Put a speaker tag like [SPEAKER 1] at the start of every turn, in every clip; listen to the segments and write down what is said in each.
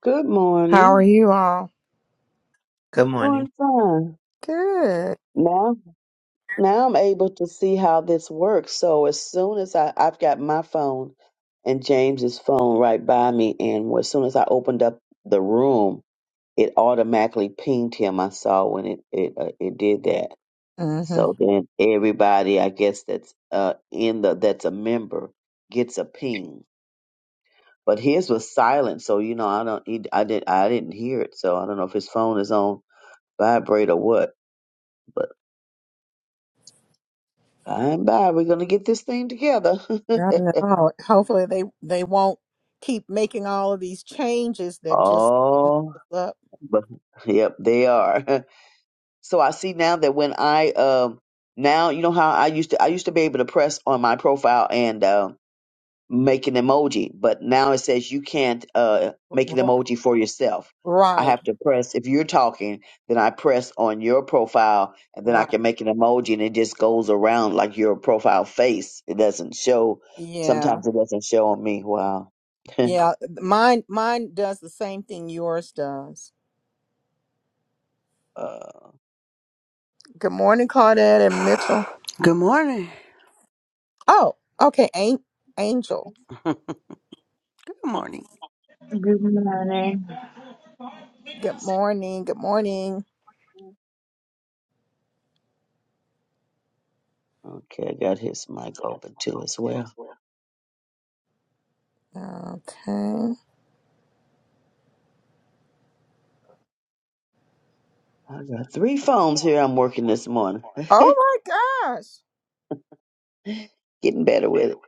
[SPEAKER 1] Good
[SPEAKER 2] How are
[SPEAKER 1] morning.
[SPEAKER 2] you all?
[SPEAKER 3] Good morning,
[SPEAKER 1] Doing fine.
[SPEAKER 2] Good.
[SPEAKER 1] Now now I'm able to see how this works. So as soon as I, I've got my phone and James's phone right by me and as soon as I opened up the room, it automatically pinged him. I saw when it it, uh, it did that.
[SPEAKER 2] hmm
[SPEAKER 1] So then everybody I guess that's uh in the that's a member gets a ping. But his was silent, so you know I don't he, I did I didn't hear it. So I don't know if his phone is on vibrate or what By and by, we're going to get this thing together.
[SPEAKER 2] I know. Hopefully they they won't keep making all of these changes that just mess
[SPEAKER 1] oh,
[SPEAKER 2] us up.
[SPEAKER 1] but yep, they are. So I see now that when I um now you know how I used to I used to be able to press on my profile and uh, make an emoji, but now it says you can't uh make an
[SPEAKER 2] R-
[SPEAKER 1] emoji for yourself. I
[SPEAKER 2] Right.
[SPEAKER 1] have to press if you're talking, then I press on your profile and then I
[SPEAKER 2] Right.
[SPEAKER 1] can make an emoji and it just goes around like your profile face. It doesn't show.
[SPEAKER 2] Yeah.
[SPEAKER 1] Sometimes it doesn't show on me. Wow.
[SPEAKER 2] Yeah. Mine mine does the same thing yours does.
[SPEAKER 1] Uh,
[SPEAKER 2] Good morning, Claudette and Mitchell.
[SPEAKER 4] Good morning.
[SPEAKER 2] Oh, okay. An- Angel.
[SPEAKER 4] Good morning.
[SPEAKER 5] Good morning.
[SPEAKER 2] Good morning. Good morning.
[SPEAKER 1] okay, I got his mic open too as well.
[SPEAKER 2] Okay.
[SPEAKER 1] I got three phones here. I'm working this morning,
[SPEAKER 2] Oh my gosh.
[SPEAKER 1] getting better with it.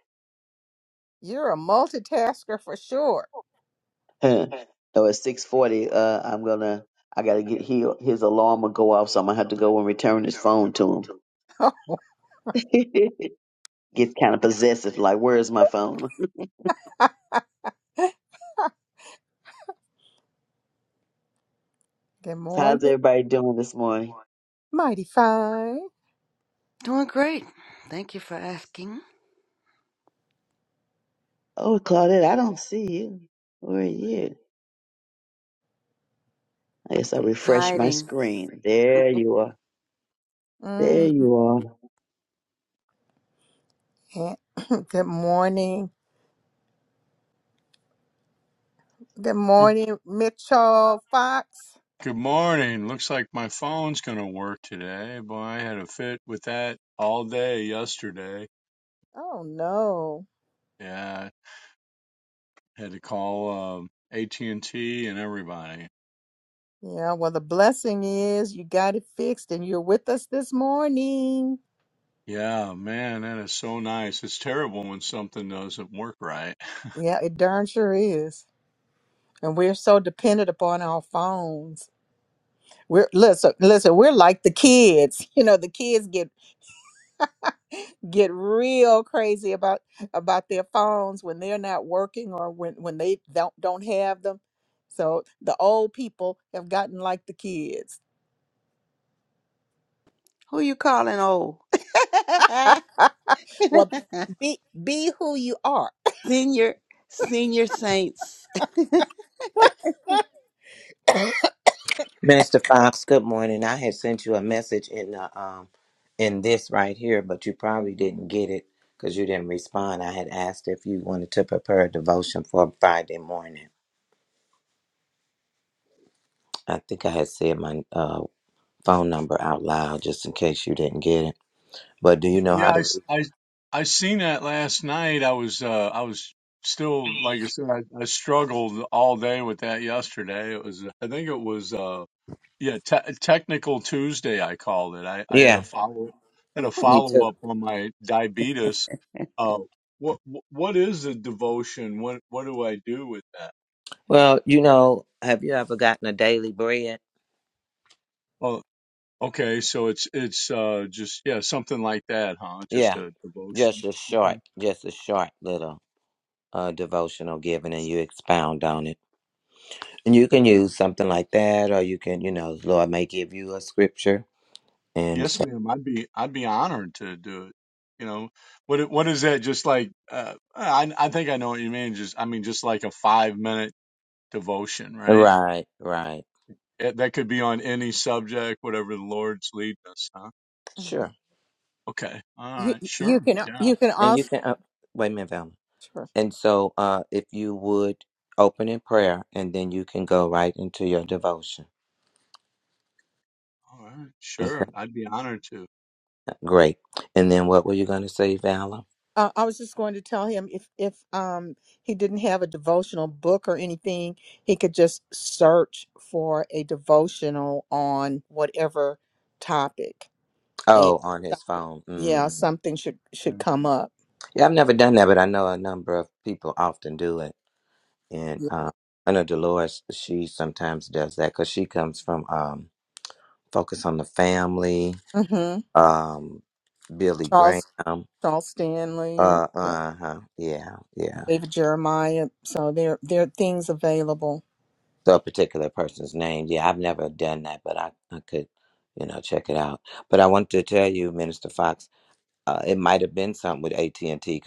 [SPEAKER 2] You're a multitasker for sure.
[SPEAKER 1] Huh. Oh, it's six forty. Uh, I'm gonna. I gotta get he, his alarm will go off, so I'm gonna have to go and return his phone to him. Gets kind of possessive. Like, where is my phone?
[SPEAKER 2] Good
[SPEAKER 1] So
[SPEAKER 2] morning.
[SPEAKER 1] how's everybody doing this morning?
[SPEAKER 2] Mighty fine.
[SPEAKER 4] Doing great. Thank you for asking.
[SPEAKER 1] Oh, Claudette, I don't see you. Where are you? I guess I
[SPEAKER 4] I'm
[SPEAKER 1] refresh my
[SPEAKER 4] hiding.
[SPEAKER 1] screen. There you are. There
[SPEAKER 2] Mm.
[SPEAKER 1] you
[SPEAKER 2] Yeah. Good morning. Good
[SPEAKER 1] are.
[SPEAKER 2] morning, Mitchell Fox.
[SPEAKER 6] Good morning. Looks like my phone's going to work today. Boy, I had a fit with that all day yesterday.
[SPEAKER 2] Oh no.
[SPEAKER 6] Yeah, I had to call um, AT&T and T and everybody.
[SPEAKER 2] Yeah, well the blessing is you got it fixed and you're with us this morning.
[SPEAKER 6] Yeah, man, that is so nice. It's terrible when something doesn't work right.
[SPEAKER 2] Yeah, it darn sure is. And we're so dependent upon our phones. We're listen, listen, we're like the kids. You know, the kids get get real crazy about about their phones when they're not working or when when they don't don't have them so the old people have gotten like the kids
[SPEAKER 4] Who you calling old?
[SPEAKER 2] well be be who you are
[SPEAKER 4] senior, senior saints.
[SPEAKER 3] Minister Fox. Good morning. I had sent you a message in the um in this right here, but you probably didn't get it because you didn't respond. I had asked if you wanted to prepare a devotion for Friday morning. I think I had said my uh, phone number out loud just in case you didn't get it. But do you
[SPEAKER 6] Y-
[SPEAKER 3] know
[SPEAKER 6] Yeah,
[SPEAKER 3] how
[SPEAKER 6] I
[SPEAKER 3] to?
[SPEAKER 6] s-
[SPEAKER 3] read?
[SPEAKER 6] I I seen that last night. I was uh I was still like I said I, I struggled all day with that yesterday. It was I think it was uh Yeah, te- technical Tuesday, I called it. I, I had a
[SPEAKER 3] Yeah,
[SPEAKER 6] follow had a
[SPEAKER 3] me
[SPEAKER 6] follow
[SPEAKER 3] too.
[SPEAKER 6] up on my diabetes. Uh, what what is a devotion? What what do I do with that?
[SPEAKER 3] Well, you know, have you ever gotten a daily bread?
[SPEAKER 6] Well, okay, so it's it's uh, just yeah, something like that, huh? Just
[SPEAKER 3] Yeah,
[SPEAKER 6] a devotion.
[SPEAKER 3] just a short,
[SPEAKER 6] Okay.
[SPEAKER 3] just a short little uh devotional given, and you expound on it. And you can
[SPEAKER 6] Well,
[SPEAKER 3] use something like that, or you can, you know, Lord may give you a scripture and
[SPEAKER 6] Yes,
[SPEAKER 3] say,
[SPEAKER 6] ma'am. I'd be I'd be honored to do it. You know, what it- what is that? Just like uh, I I think I know what you mean. Just I mean, just like a five minute devotion, right?
[SPEAKER 3] right, right,
[SPEAKER 6] It, that could be on any subject, whatever the Lord's leading us, huh?
[SPEAKER 2] Mhm.
[SPEAKER 3] sure.
[SPEAKER 6] Okay. All
[SPEAKER 2] you
[SPEAKER 6] right.
[SPEAKER 2] you
[SPEAKER 6] Sure.
[SPEAKER 2] can
[SPEAKER 6] Yeah.
[SPEAKER 2] you can
[SPEAKER 3] And you
[SPEAKER 2] also
[SPEAKER 3] can, uh, wait a minute, Velma. And so, uh, if you would open in prayer, and then you can go right into your devotion.
[SPEAKER 6] All right.
[SPEAKER 3] Okay,
[SPEAKER 6] Sure. I'd be honored to.
[SPEAKER 3] great. And then what were you going to say, Valor?
[SPEAKER 2] Uh, I was just going to tell him if if um he didn't have a devotional book or anything, he could just search for a devotional on whatever topic, and
[SPEAKER 3] Oh, on his
[SPEAKER 2] something,
[SPEAKER 3] phone. Mm.
[SPEAKER 2] yeah, something should
[SPEAKER 6] Yeah.
[SPEAKER 2] should come up.
[SPEAKER 3] Yeah, I've never done that, but I know a number of people often do it. And uh, I know Dolores, she sometimes does that because she comes from um, Focus on the Family
[SPEAKER 2] Mm-hmm.
[SPEAKER 3] um, Billy Graham.
[SPEAKER 2] Charles Charles Stanley,
[SPEAKER 3] Uh,
[SPEAKER 2] yeah,
[SPEAKER 3] uh huh. Yeah, yeah.
[SPEAKER 2] David Jeremiah. So there there are things available.
[SPEAKER 3] So a particular person's name. Yeah, I've never done that, but I, I could, you know, check it out. But I wanted to tell you, Minister Fox, uh, it might have been something with AT and T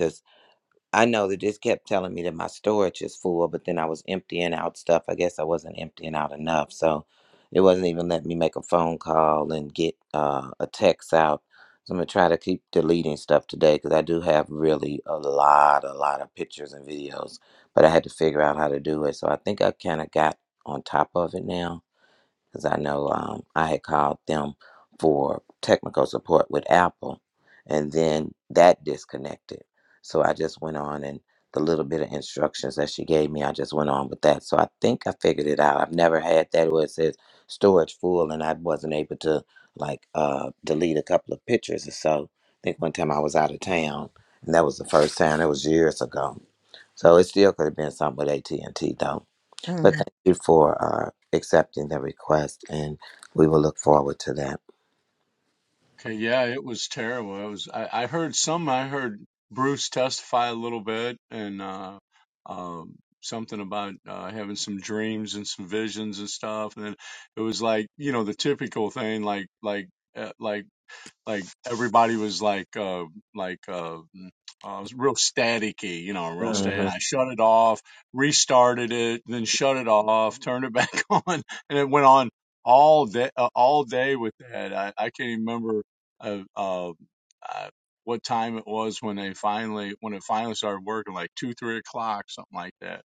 [SPEAKER 3] I know that this kept telling me that my storage is full, but then I was emptying out stuff. I guess I wasn't emptying out enough. So it wasn't even letting me make a phone call and get uh, a text out. So I'm going to try to keep deleting stuff today because I do have really a lot, a lot of pictures and videos, but I had to figure out how to do it. So I think I kind of got on top of it now because I know um, I had called them for technical support with Apple, and then that disconnected. So I just went on and the little bit of instructions that she gave me, I just went on with that. So I think I figured it out. I've never had that where it says storage full, and I wasn't able to like uh, delete a couple of pictures or so. I think one time I was out of town, and that was the first time. It was years ago. So it still could have been something with AT and T though. But
[SPEAKER 2] Mhm.
[SPEAKER 3] thank you for uh, accepting the request, and we will look forward to that.
[SPEAKER 6] Okay. Yeah. It was terrible. It was, I, I heard some, I heard Bruce testify a little bit and, uh, um, something about, uh, having some dreams and some visions and stuff. And then it was like, you know, the typical thing, like, like, uh, like, like everybody was like uh like uh, mm, uh it was real staticky, you know, real static.
[SPEAKER 3] hmm
[SPEAKER 6] I shut it off, restarted it, then shut it off, turned it back on, and it went on all day uh, all day with that. I, I can't even remember uh, uh, uh what time it was when they finally when it finally started working, like two three o'clock something like that.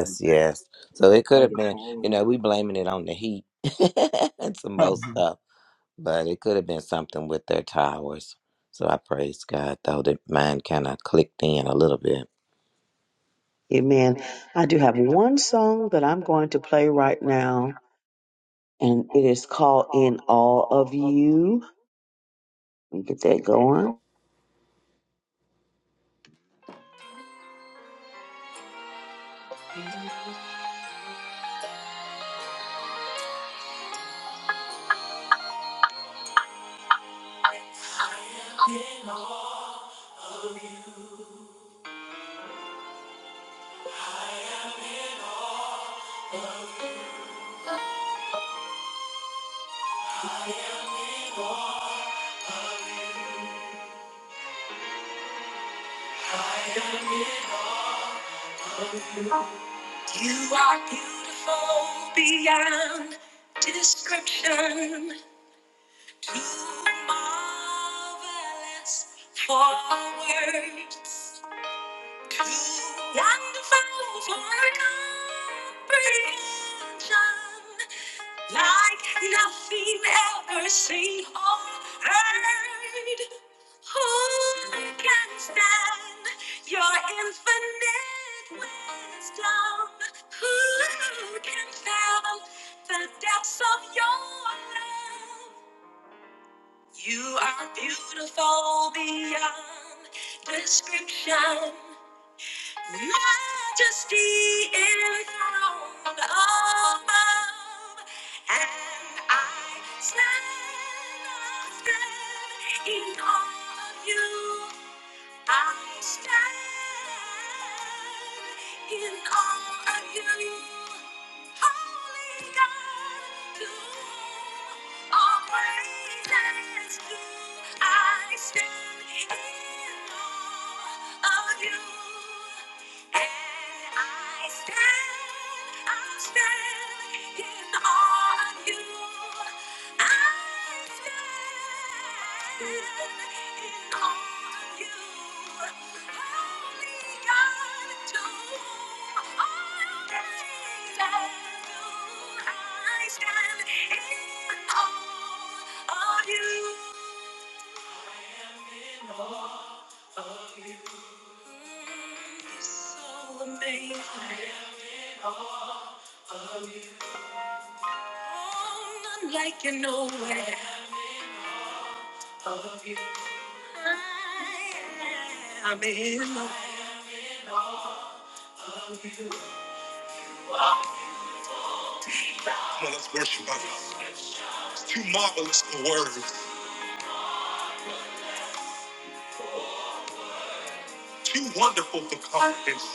[SPEAKER 6] I,
[SPEAKER 3] yes. So it
[SPEAKER 6] I
[SPEAKER 3] could
[SPEAKER 6] had
[SPEAKER 3] have
[SPEAKER 6] to
[SPEAKER 3] been,
[SPEAKER 6] call
[SPEAKER 3] you know, we blaming it on the heat and some most
[SPEAKER 6] them.
[SPEAKER 3] stuff, but it could have been something with their towers. So I praise God, though that mine kind of clicked in a little bit.
[SPEAKER 1] Amen. I do have one song that I'm going to play right now, and it is called In All of You. Let me get that going.
[SPEAKER 7] You are beautiful beyond description. Too marvelous for words. Like nothing ever seen or heard. Who can stand your infinite wisdom? Who can fathom the depths of your love? You are beautiful beyond description majesty enthroned above, and I stand in awe of you. I stand in awe of you, holy God, to whom all praises due. I stand in awe of you, and I stand, I stand in awe of you. Like you nowhere. I'm in love. Come on, let's worship our God. It's too marvelous for words, too wonderful for confidence.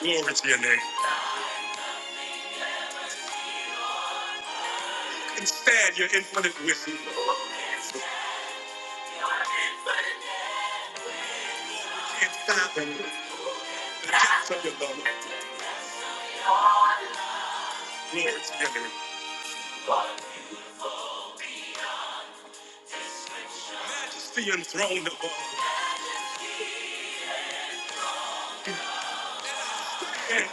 [SPEAKER 7] Glory to your name. And stand your infinite wisdom. Can't fathom the depths of your love. Glory to your name. Majesty enthroned above. Can't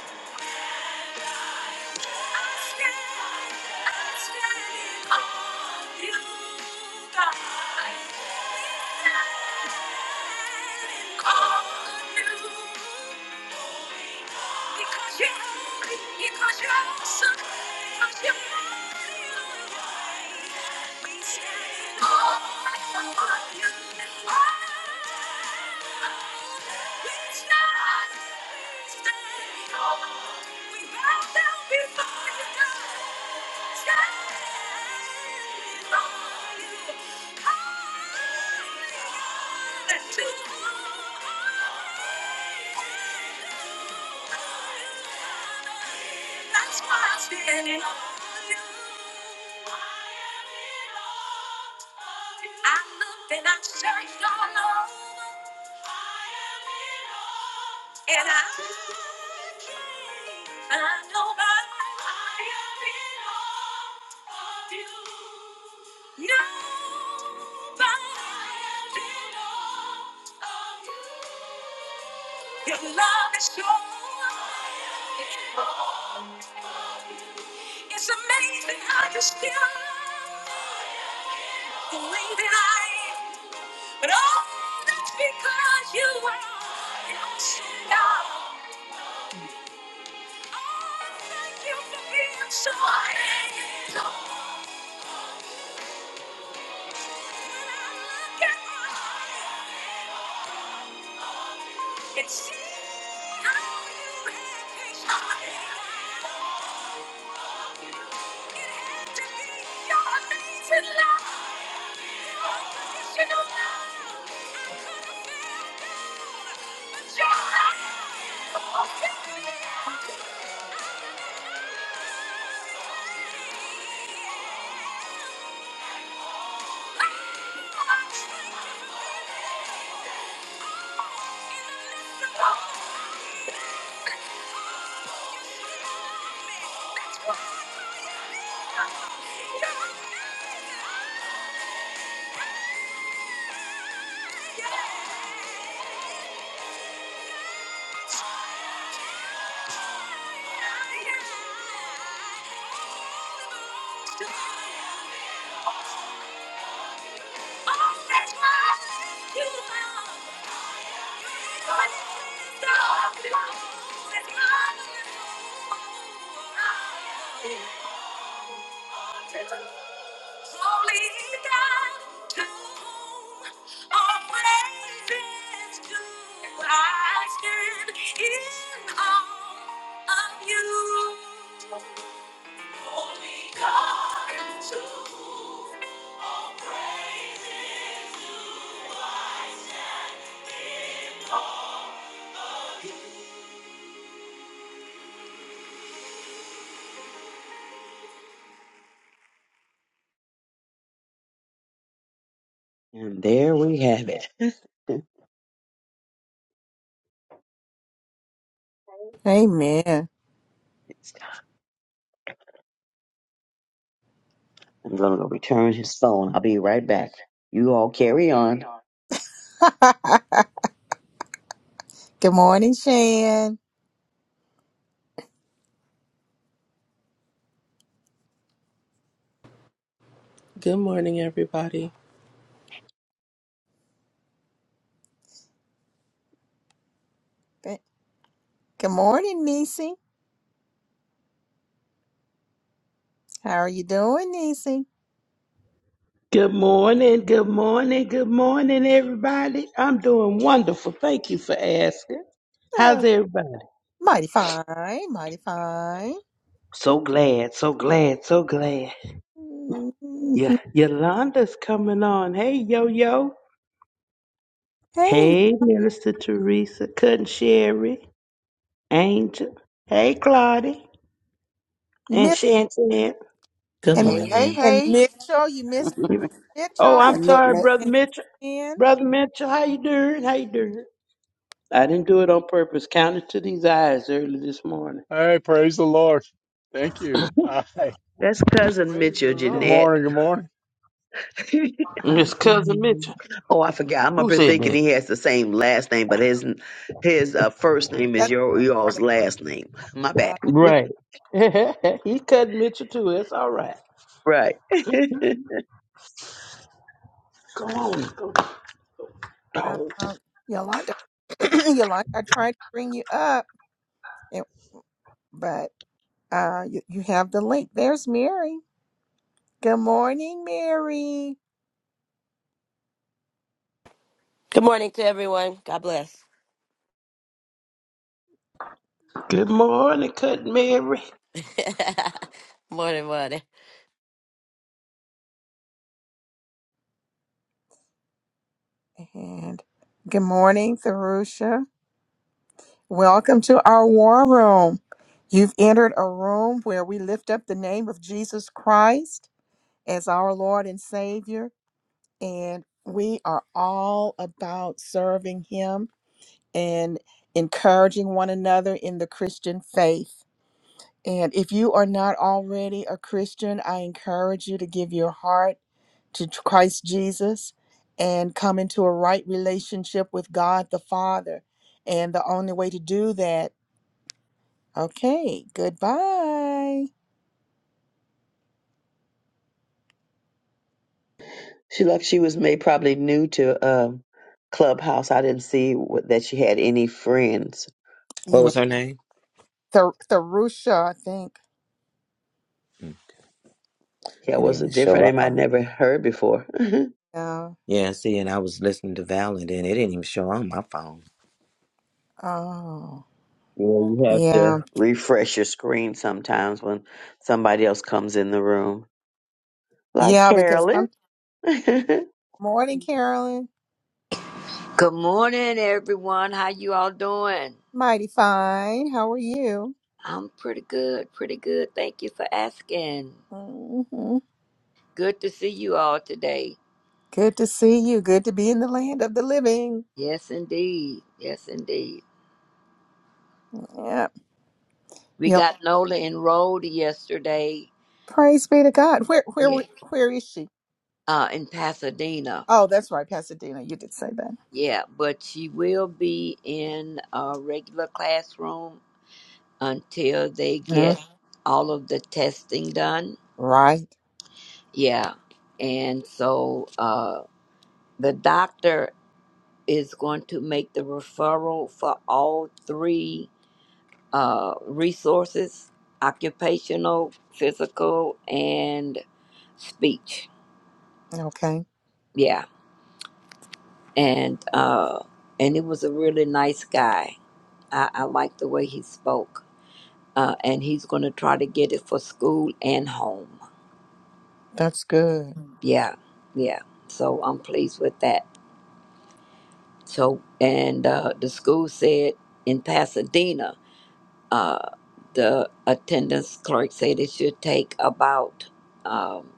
[SPEAKER 7] Thank you. Because you're holy, because you're awesome, because you're mighty. We stand all for you and wonder. We stand, we stand all. We bow down before you, God. Stand before you. Holy God, too holy. That's why I'm standing on you. I looked and I searched all over, and I can't find nobody. I am in awe of you. Nobody. I am in awe of you. Your love is so. It's amazing how you still love the way that I am. But all that's because you are awesome, God. Oh, thank you for being so handsome. When I look at my heart and see how you have patience. It had to be your amazing love. Oh, that's why you love. Holy God, too.
[SPEAKER 1] And there we have it. I'm
[SPEAKER 2] Amen.
[SPEAKER 1] going to go return his phone. I'll be right back. You all carry on.
[SPEAKER 2] Good morning, Shan.
[SPEAKER 8] Good morning, everybody.
[SPEAKER 2] Good morning, Nisi. How are you doing, Nisi?
[SPEAKER 9] Good morning, good morning, good morning, everybody. I'm doing wonderful. Thank you for asking. How's everybody?
[SPEAKER 2] Mighty fine, mighty fine.
[SPEAKER 9] So glad, so glad, so glad. Yeah,
[SPEAKER 2] Mhm.
[SPEAKER 9] Yolanda's coming on. Hey, yo, yo.
[SPEAKER 2] Hey,
[SPEAKER 9] Hey, Minister Teresa, Cousin Sherry, Angel. Hey, Claudia.
[SPEAKER 2] you
[SPEAKER 9] and
[SPEAKER 2] missed
[SPEAKER 9] Shantan.
[SPEAKER 3] Good
[SPEAKER 2] and
[SPEAKER 4] Hey, hey,
[SPEAKER 3] morning.
[SPEAKER 2] and
[SPEAKER 4] hey.
[SPEAKER 2] Mitchell, you
[SPEAKER 4] I
[SPEAKER 2] missed
[SPEAKER 9] Oh,
[SPEAKER 2] Mitchell
[SPEAKER 9] I'm
[SPEAKER 4] admit
[SPEAKER 9] sorry,
[SPEAKER 4] that.
[SPEAKER 9] Brother
[SPEAKER 2] and
[SPEAKER 9] Mitchell.
[SPEAKER 2] Ken.
[SPEAKER 9] Brother Mitchell, how you doing? How you doing? I didn't do it on purpose. Counted to these eyes early this morning.
[SPEAKER 6] Hey, praise the Lord. Thank you. Hi.
[SPEAKER 1] That's cousin
[SPEAKER 9] Praise the
[SPEAKER 1] Mitchell
[SPEAKER 6] Good
[SPEAKER 9] Lord.
[SPEAKER 1] Jeanette.
[SPEAKER 6] morning. Good morning.
[SPEAKER 5] Uh,
[SPEAKER 9] It's
[SPEAKER 5] good
[SPEAKER 9] cousin
[SPEAKER 5] morning.
[SPEAKER 9] Mitchell.
[SPEAKER 1] oh, I forgot. I'm
[SPEAKER 9] Who
[SPEAKER 1] up here
[SPEAKER 9] said
[SPEAKER 1] thinking
[SPEAKER 9] that?
[SPEAKER 1] he has the same last name, but his his uh, first name is
[SPEAKER 2] That's
[SPEAKER 1] your y'all's
[SPEAKER 2] yeah.
[SPEAKER 1] last name. My
[SPEAKER 2] Uh,
[SPEAKER 1] bad.
[SPEAKER 9] Right. he cut Mitchell too. That's all right.
[SPEAKER 1] Right.
[SPEAKER 9] Go on, go
[SPEAKER 2] uh,
[SPEAKER 9] dog.
[SPEAKER 2] uh, Yolanda, Yolanda, I tried to bring you up, and- but uh, you, you have the link. There's Mary. Good morning, Mary,
[SPEAKER 10] Good morning to everyone. God bless.
[SPEAKER 9] Good morning, cut Mary.
[SPEAKER 10] morning, morning.
[SPEAKER 2] and good morning, Therusha. Welcome to our war room. You've entered a room where we lift up the name of Jesus Christ as our Lord and Savior, and we are all about serving Him and encouraging one another in the Christian faith. And if you are not already a Christian, I encourage you to give your heart to Christ Jesus and come into a right relationship with God the Father. And the only way to do that Okay, goodbye.
[SPEAKER 1] She looked. she was made probably new to um, Clubhouse. I didn't see what, that she had any friends.
[SPEAKER 3] What
[SPEAKER 2] Yeah,
[SPEAKER 3] was her name?
[SPEAKER 2] Th- Therusha, I think.
[SPEAKER 1] Yeah, it
[SPEAKER 3] It didn't
[SPEAKER 1] was a
[SPEAKER 3] even show
[SPEAKER 1] different
[SPEAKER 3] up
[SPEAKER 1] name I'd
[SPEAKER 3] on.
[SPEAKER 1] never heard before. yeah,
[SPEAKER 2] Yeah.
[SPEAKER 3] Yeah, see, and I was listening to Val, and then it didn't even show on my phone.
[SPEAKER 2] Oh,
[SPEAKER 1] you have
[SPEAKER 2] yeah,
[SPEAKER 1] to refresh your screen sometimes when somebody else comes in the room. Like
[SPEAKER 2] yeah. Because
[SPEAKER 1] Carolyn.
[SPEAKER 2] some
[SPEAKER 1] Look
[SPEAKER 2] morning, Carolyn.
[SPEAKER 11] Good morning, everyone. How you all doing?
[SPEAKER 2] Mighty fine. How are you?
[SPEAKER 11] I'm pretty good, pretty good. Thank you for asking.
[SPEAKER 2] hmm
[SPEAKER 11] Good to see you all today.
[SPEAKER 2] Good to see you. Good to be in the land of the living.
[SPEAKER 11] Yes, indeed. Yes, indeed.
[SPEAKER 2] Yeah.
[SPEAKER 11] We
[SPEAKER 2] Yeah.
[SPEAKER 11] got Nola enrolled yesterday.
[SPEAKER 2] Praise be to God. Where, where,
[SPEAKER 11] Yeah,
[SPEAKER 2] we- where is she?
[SPEAKER 11] uh, in Pasadena.
[SPEAKER 2] Oh, that's right, Pasadena. You did say that.
[SPEAKER 11] Yeah, but she will be in a regular classroom until they get
[SPEAKER 2] Mhm.
[SPEAKER 11] all of the testing done.
[SPEAKER 2] Right.
[SPEAKER 11] Yeah, and so uh, the doctor. is going to make the referral for all three uh, resources occupational, physical, and speech.
[SPEAKER 2] Okay.
[SPEAKER 11] Yeah. And uh, and it was a really nice guy. I, I like the way he spoke. Uh, and he's going to try to get it for school and home.
[SPEAKER 2] That's good.
[SPEAKER 11] Yeah. Yeah. So I'm pleased with that. So, and uh, the school said in Pasadena Uh, the attendance clerk said it should take about um,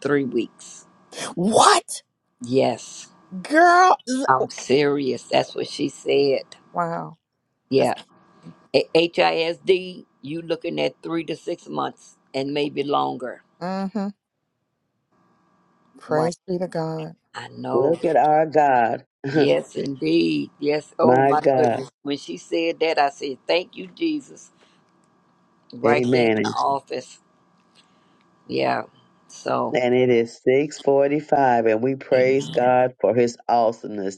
[SPEAKER 11] three weeks.
[SPEAKER 2] What,
[SPEAKER 11] Yes,
[SPEAKER 2] girl? L-
[SPEAKER 11] I'm serious. That's what she said.
[SPEAKER 2] Wow. That's.
[SPEAKER 11] Yeah, A- HISD, you looking at three to six months and maybe longer.
[SPEAKER 2] mm-hmm.
[SPEAKER 11] Right.
[SPEAKER 2] Praise be to God.
[SPEAKER 11] I know.
[SPEAKER 1] at our God.
[SPEAKER 11] Yes, indeed. Yes. Oh
[SPEAKER 1] My
[SPEAKER 11] my goodness.
[SPEAKER 1] God.
[SPEAKER 11] When she said that, I said, "Thank you, Jesus." Right there in the
[SPEAKER 1] Amen.
[SPEAKER 11] office. Yeah. So,
[SPEAKER 1] And it is 645, and we praise God for his awesomeness.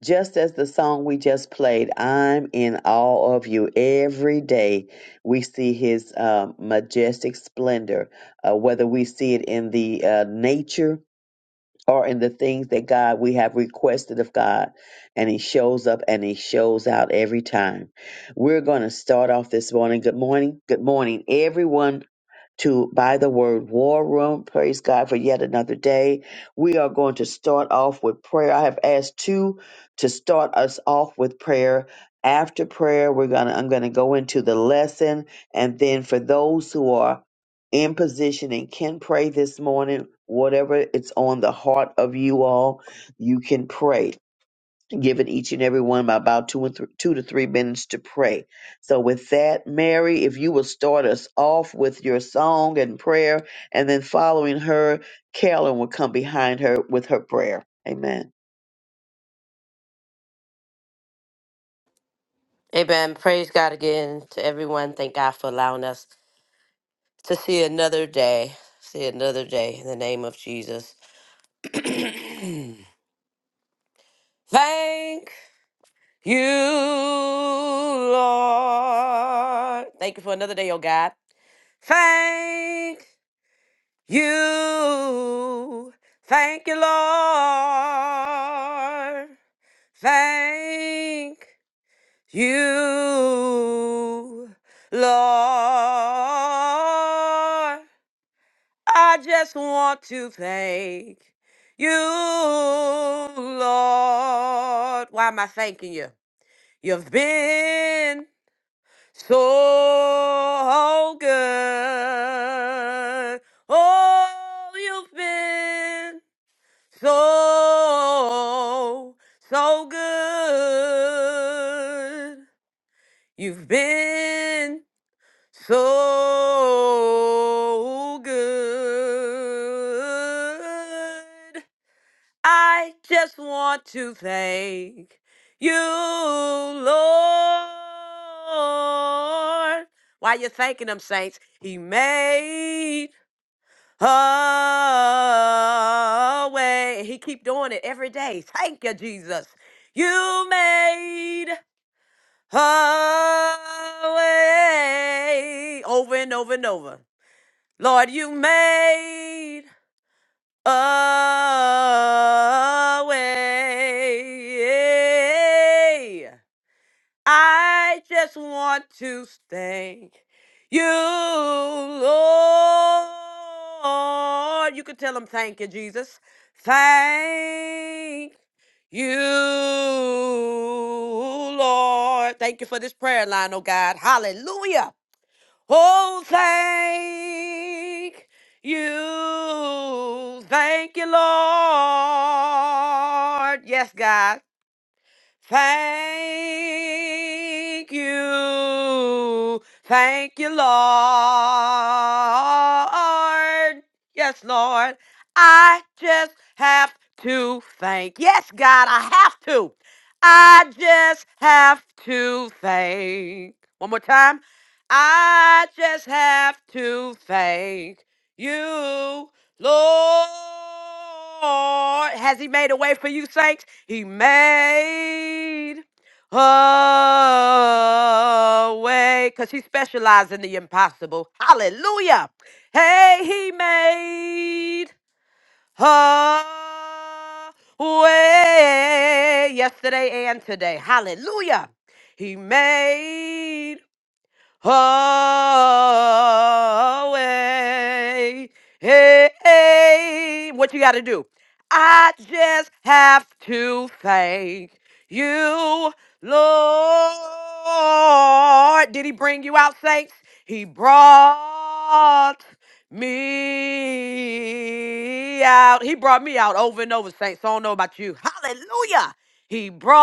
[SPEAKER 1] Just as the song we just played, I'm in awe of you. Every day we see his um, majestic splendor, uh, whether we see it in the uh, nature or in the things that God we have requested of God. And he shows up and he shows out every time. We're going to start off this morning. Good morning. Good morning, everyone to by the word war room. Praise God for yet another day. We are going to start off with prayer. I have asked two to start us off with prayer. After prayer, we're gonna I'm gonna go into the lesson, and then for those who are in position and can pray this morning, whatever it's on the heart of you all, you can pray given each and every one about two and th- two to three minutes to pray. So with that, Mary, if you will start us off with your song and prayer, and then following her, Carolyn will come behind her with her prayer. Amen.
[SPEAKER 10] Amen. Praise God again to everyone. Thank God for allowing us to see another day. See another day in the name of Jesus. Thank you, Lord. Thank you for another day, oh God. Thank you. Thank you, Lord. Thank You, Lord, I just want to thank you, Lord. Why am I thanking you? You've been so good. Oh, you've been so, so good. You've been so good. I just want to thank you, Lord. While you're thanking him, saints, he made a way. He keep doing it every day. Thank you, Jesus. You made a way over and over and over. Lord, you made a way. I just want to thank you, Lord. You could tell him, thank you, Jesus. Thank you, Lord. Thank you for this prayer line, oh God. Hallelujah. Oh, thank you. Thank you, Lord. Yes, God. Thank you. Thank you, Lord. Yes, Lord. I just have to thank. Yes, God, I have to. I just have to thank. One more time. I just have to thank you. Lord, has He made a way for you, saints? He made a way because He specializes in the impossible. Hallelujah. Hey, He made a way yesterday and today. Hallelujah. He made away. Hey, hey, what you got to do? I just have to thank you, Lord. Did he bring you out, saints? He brought me out. He brought me out over and over, saints. So I don't know about you. Hallelujah. He brought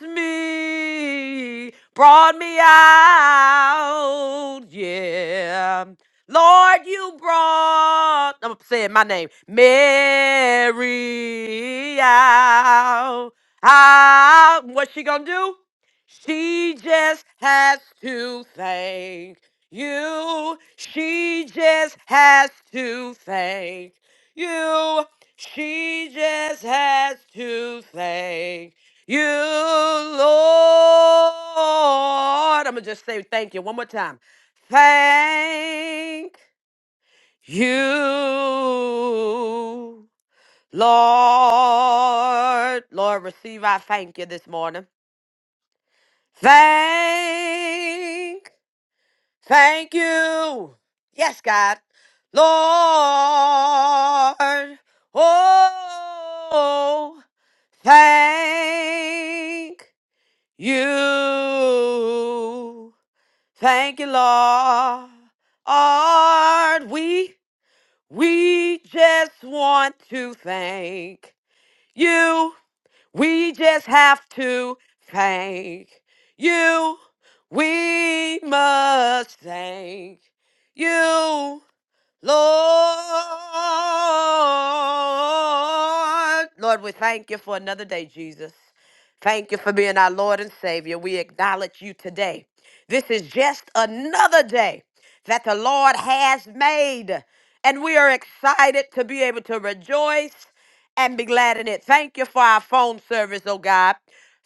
[SPEAKER 10] me, brought me out. Yeah. Lord, you brought, I'm saying my name, Mary out. out. What's she gonna do? She just has to thank you. She just has to thank you. She just has to thank you, Lord. I'm going to just say thank you one more time. Thank you, Lord. Lord, receive our thank you this morning. Thank Thank you. Yes, God. Lord. Oh, thank you. Thank you, Lord. We, we just want to thank you. We just have to thank you. We must thank you. Lord, Lord, we thank you for another day, Jesus. Thank you for being our Lord and Savior. We acknowledge you today. This is just another day that the Lord has made, and we are excited to be able to rejoice and be glad in it. Thank you for our phone service, oh God.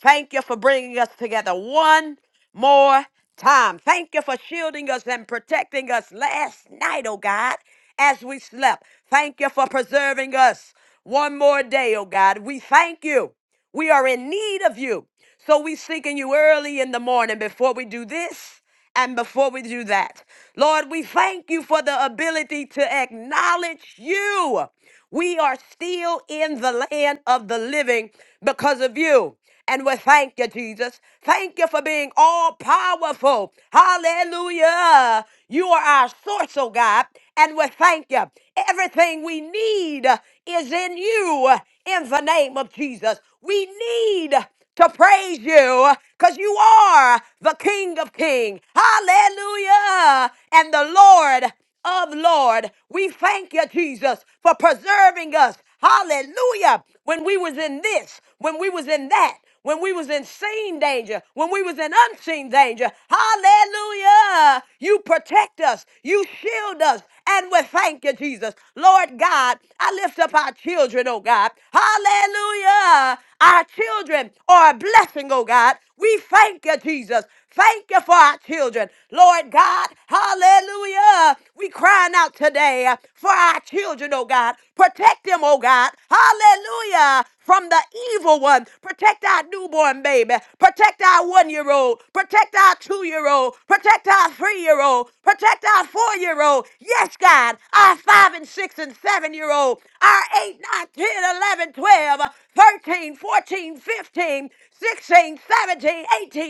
[SPEAKER 10] Thank you for bringing us together one more time. Thank you for shielding us and protecting us last night, oh God, as we slept. Thank you for preserving us one more day, oh God. We thank you. We are in need of you. So we seeking you early in the morning before we do this and before we do that. Lord, we thank you for the ability to acknowledge you. We are still in the land of the living because of you. And we thank you, Jesus. Thank you for being all powerful. Hallelujah. You are our source, oh God. And we thank you. Everything we need is in you in the name of Jesus. We need to praise you because you are the King of Kings. Hallelujah. And the Lord of Lord. We thank you, Jesus, for preserving us. Hallelujah. When we was in this, when we was in that, when we was in seen danger, when we was in unseen danger. Hallelujah. You protect us. You shield us. And we thank you, Jesus. Lord God, I lift up our children, oh God. Hallelujah. Our children are a blessing, oh God. We thank you, Jesus. Thank you for our children. Lord God, hallelujah. We crying out today uh, for our children, oh God. Protect them, oh God. Hallelujah. From the evil one. Protect our newborn baby. Protect our one year old. Protect our two year old. Protect our three year old. Protect our four year old. Yes, God. Our five and six and seven year old. Our eight, nine, ten, eleven, twelve,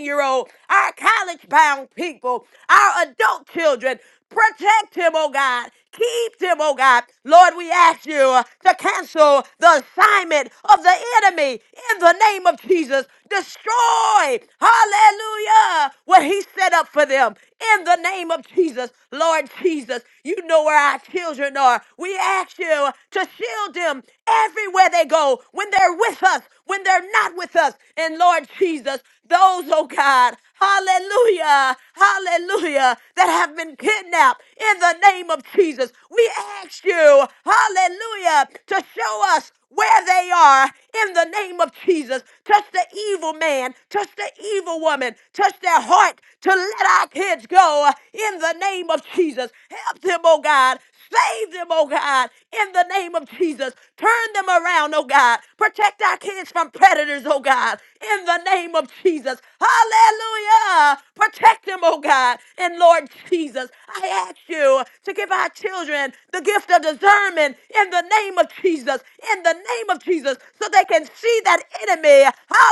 [SPEAKER 10] year old people, our college bound people, our adult children. Protect him, oh God. Keep him, oh God. Lord, we ask you uh, to cancel the assignment of the enemy in the name of Jesus. Destroy, hallelujah, what he set up for them in the name of Jesus. Lord Jesus, you know where our children are. We ask you to shield them everywhere they go, when they're with us, when they're not with us. And Lord Jesus, those, oh God, hallelujah, hallelujah, that have been kidnapped in the name of Jesus, we ask you, hallelujah, to show us where they are in the name of Jesus. Touch the evil man, touch the evil woman, healing, touch their heart to let our kids go uh, in the name of Jesus. Help them, oh God. Save them, oh God, in the name of Jesus. Turn them around, oh God. Protect our kids from predators, oh God, in the name of Jesus. Hallelujah. Protect them, oh God. And Lord Jesus, I ask you to give our children the gift of discernment in the name of Jesus, in the name of Jesus, so they can see that enemy.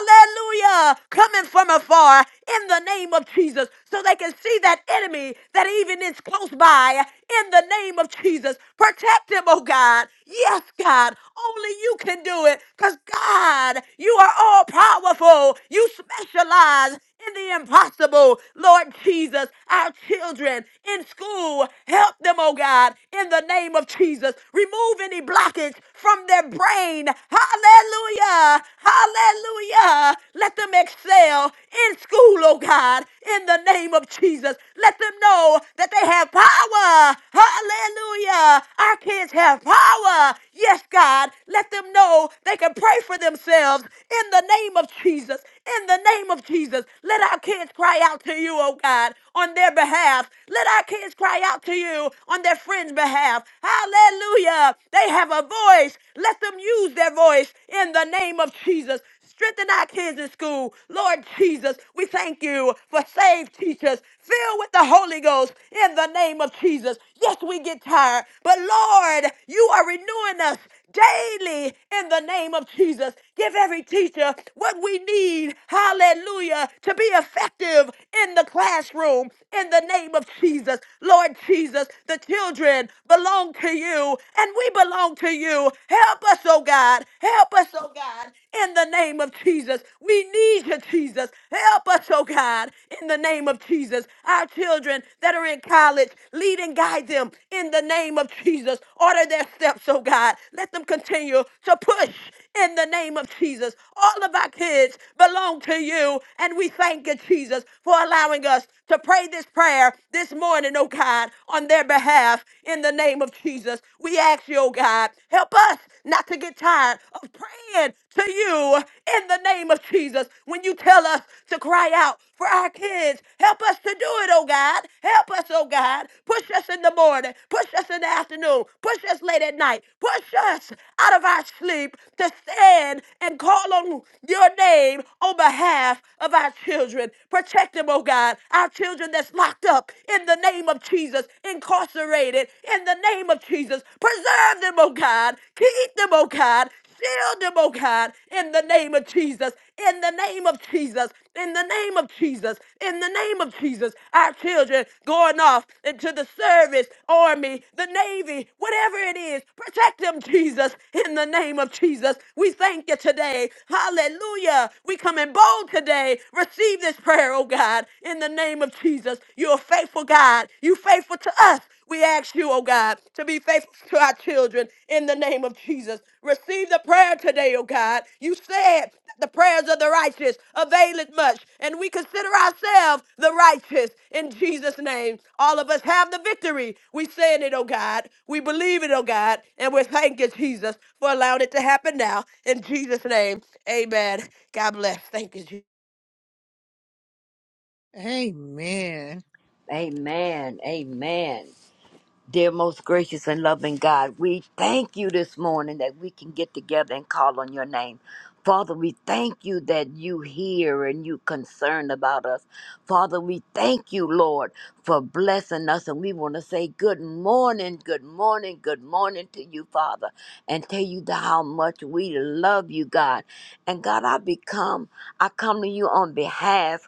[SPEAKER 10] Hallelujah. Coming from afar in the name of Jesus so they can see that enemy that even is close by in the name of Jesus. Protect him, oh God. Yes, God. Only you can do it because God, you are all powerful. You specialize in the impossible. Lord Jesus, our children in school, help them, oh God, in the name of Jesus. Remove any blockage from their brain. Hallelujah. Hallelujah. Let them excel in school, oh God, in the name of Jesus. Let them know that they have power. Hallelujah. Our kids have power. Yes, God. Let them know they can pray for themselves in the name of Jesus. In the name of Jesus. Let our kids cry out to you, oh God, on their behalf. Let our kids cry out to you on their friends' behalf. Hallelujah. They have have a voice, let them use their voice in the name of Jesus. Strengthen our kids in school. Lord Jesus, we thank you for saved teachers filled with the Holy Ghost in the name of Jesus. Yes, we get tired, but Lord, you are renewing us daily in the name of Jesus. Give every teacher what we need, hallelujah, to be effective in the classroom in the name of Jesus. Lord Jesus, the children belong to you and we belong to you. Help us, oh God. Help us, oh God, in the name of Jesus. We need you, Jesus. Help us, oh God, in the name of Jesus. Our children that that are in college. Lead and guide them in the name of Jesus. Order their steps, oh God. Let them continue to push in the name of Jesus. All of our kids belong to you, and we thank you, Jesus, for allowing us to pray this prayer this morning, oh God, on their behalf in the name of Jesus. We ask you, oh God, help us not to get tired of praying to you in the name of of Jesus, when you tell us to cry out for our kids, help us to do it, oh God. Help us, oh God. Push us in the morning, push us in the afternoon, push us late at night, push us out of our sleep to stand and call on your name on behalf of our children. Protect them, oh God. Our children that's locked up in the name of Jesus, incarcerated in the name of Jesus. Preserve them, oh God. Keep them, oh God. Shield them, oh God, in the name of Jesus, in the name of Jesus, in the name of Jesus, in the name of Jesus. Our children going off into the service, army, the navy, whatever it is, protect them, Jesus, in the name of Jesus. We thank you today. Hallelujah. We come in bold today. Receive this prayer, oh God, in the name of Jesus. You're a faithful God. You faithful to us. We ask you, oh God, to be faithful to our children in the name of Jesus. Receive the prayer today, oh God. You said the prayers of the righteous availeth much, and we consider ourselves the righteous in Jesus' name. All of us have the victory. We saying it, oh God. We believe it, oh God, and we thank you, Jesus, for allowing it to happen now. In Jesus' name, amen. God bless. Thank you, Jesus.
[SPEAKER 2] Amen.
[SPEAKER 11] amen. Amen. Dear most gracious and loving God, we thank you this morning that we can get together and call on your name. Father, we thank you that you hear and you concerned about us. Father, we thank you, Lord, for blessing us. And we want to say good morning, good morning, good morning to you, Father, and tell you the- how much we love you, God. And God, I become, I come to you on behalf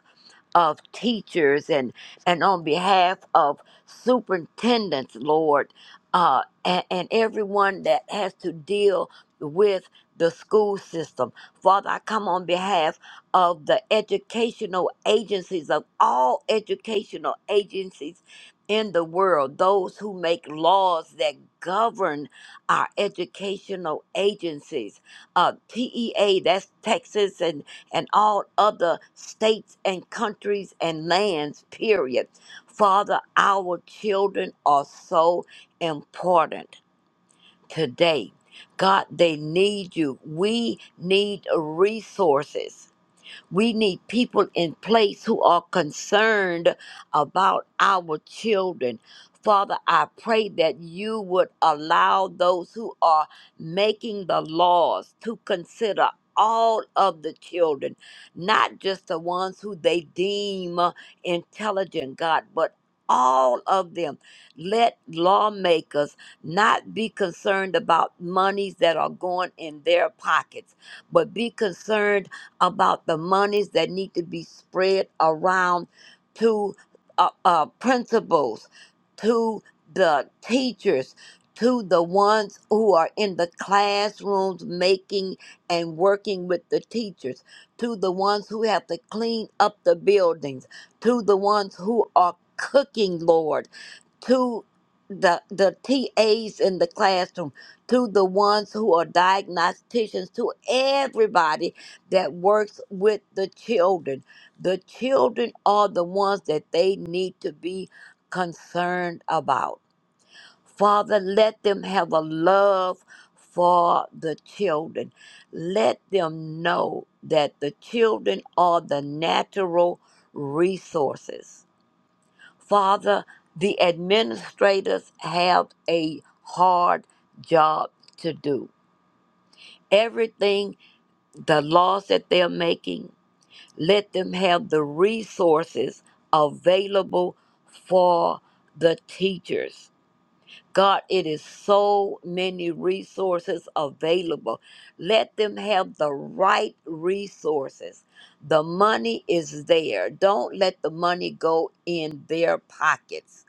[SPEAKER 11] of teachers and and on behalf of superintendents, Lord, uh, and, and everyone that has to deal with the school system. Father, I come on behalf of the educational agencies of all educational agencies in the world, those who make laws that govern our educational agencies. Uh, TEA, that's Texas and and all other states and countries and lands, period. Father, our children are so important today. God, they need you. We need resources we need people in place who are concerned about our children. Father, I pray that you would allow those who are making the laws to consider all of the children, not just the ones who they deem uh, intelligent, God, but all of them. Let lawmakers not be concerned about monies that are going in their pockets, but be concerned about the monies that need to be spread around to uh, uh, principals, to the teachers, to the ones who are in the classrooms making and working with the teachers, to the ones who have to clean up the buildings, to the ones who are cooking, Lord to the the TAs in the classroom, to the ones who are diagnosticians, to everybody that works with the children. The children are the ones that they need to be concerned about. Father, let them have a love for the children. Let them know that the children are the natural resources Father, the administrators have a hard job to do. Everything, the laws that they're making, let them have the resources available for the teachers. God, it is so many resources available. Let them have the right resources. The money is there. Don't let the money go in their pockets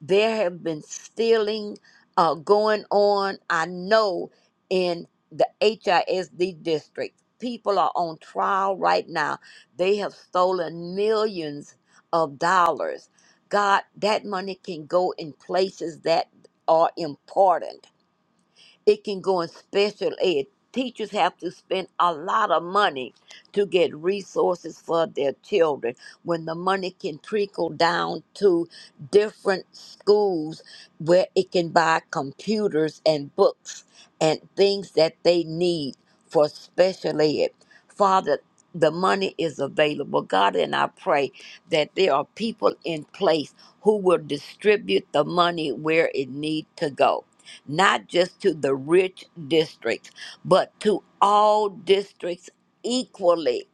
[SPEAKER 11] There have been stealing uh, going on. I know in the HISD district, people are on trial right now. They have stolen millions of dollars. God, that money can go in places that are important. It can go in special ed. Teachers have to spend a lot of money to get resources for their children when the money can trickle down to different schools where it can buy computers and books and things that they need for special ed. Father, the money is available. God, and I pray that there are people in place who will distribute the money where it need to go not just to the rich districts, but to all districts equally,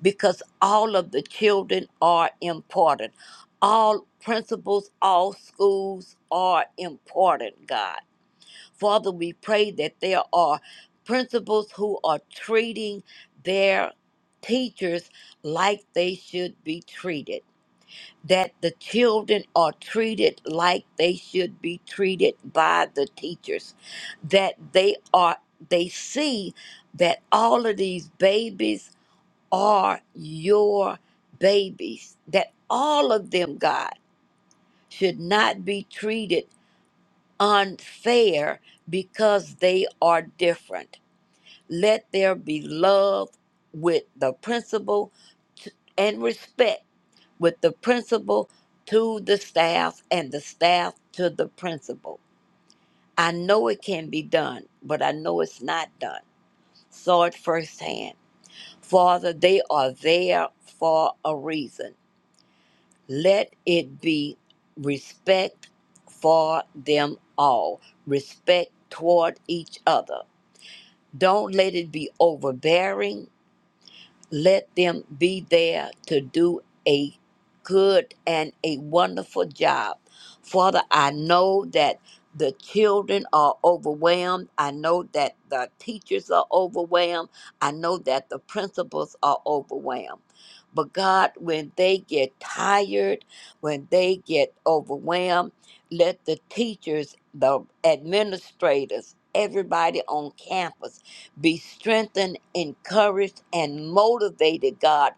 [SPEAKER 11] because all of the children are important. All principals, all schools are important, God. Father, we pray that there are principals who are treating their teachers like they should be treated that the children are treated like they should be treated by the teachers that they are they see that all of these babies are your babies that all of them god should not be treated unfair because they are different let there be love with the principle t- and respect with the principal to the staff and the staff to the principal. I know it can be done, but I know it's not done. Saw it firsthand. Father, they are there for a reason. Let it be respect for them all, respect toward each other. Don't let it be overbearing Let them be there to do a good and a wonderful job. Father, I know that the children are overwhelmed. I know that the teachers are overwhelmed. I know that the principals are overwhelmed. But God, when they get tired, when they get overwhelmed, let the teachers, the administrators, everybody on campus be strengthened, encouraged, and motivated, God.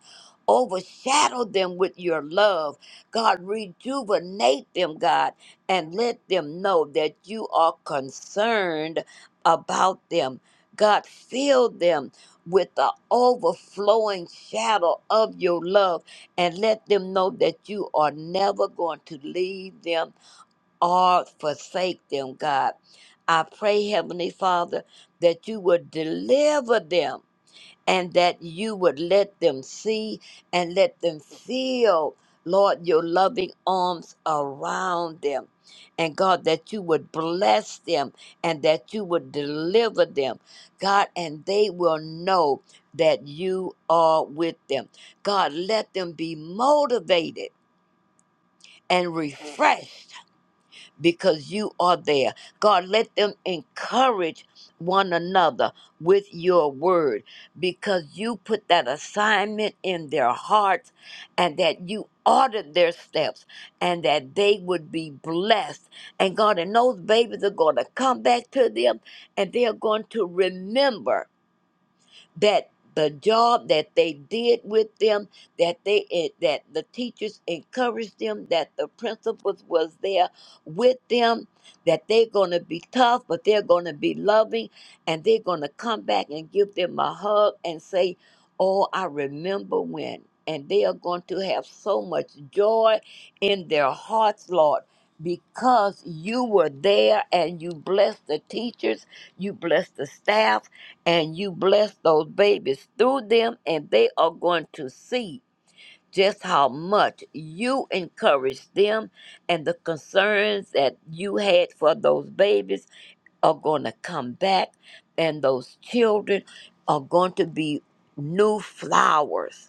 [SPEAKER 11] Overshadow them with your love. God, rejuvenate them, God, and let them know that you are concerned about them. God, fill them with the overflowing shadow of your love and let them know that you are never going to leave them or forsake them, God. I pray, Heavenly Father, that you would deliver them and that you would let them see and let them feel, Lord, your loving arms around them. And God, that you would bless them and that you would deliver them, God, and they will know that you are with them. God, let them be motivated and refreshed because you are there. God, let them encourage one another with your word because you put that assignment in their hearts and that you ordered their steps and that they would be blessed. And God, and those babies are going to come back to them and they are going to remember that the job that they did with them, that they it, that the teachers encouraged them, that the principals was there with them, that they're gonna be tough, but they're gonna be loving, and they're gonna come back and give them a hug and say, "Oh, I remember when." And they are going to have so much joy in their hearts, Lord, because you were there and you blessed the teachers, you blessed the staff and you bless those babies through them, and they are going to see just how much you encourage them, and the concerns that you had for those babies are going to come back, and those children are going to be new flowers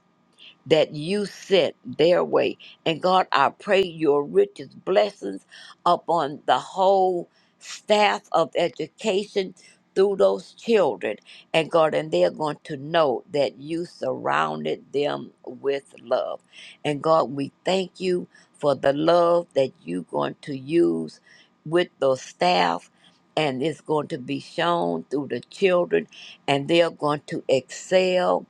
[SPEAKER 11] that you sent their way. And God, I pray your richest blessings upon the whole staff of education through those children. And God, and they're going to know that you surrounded them with love. And God, we thank you for the love that you're going to use with those staff. And it's going to be shown through the children, and they're going to excel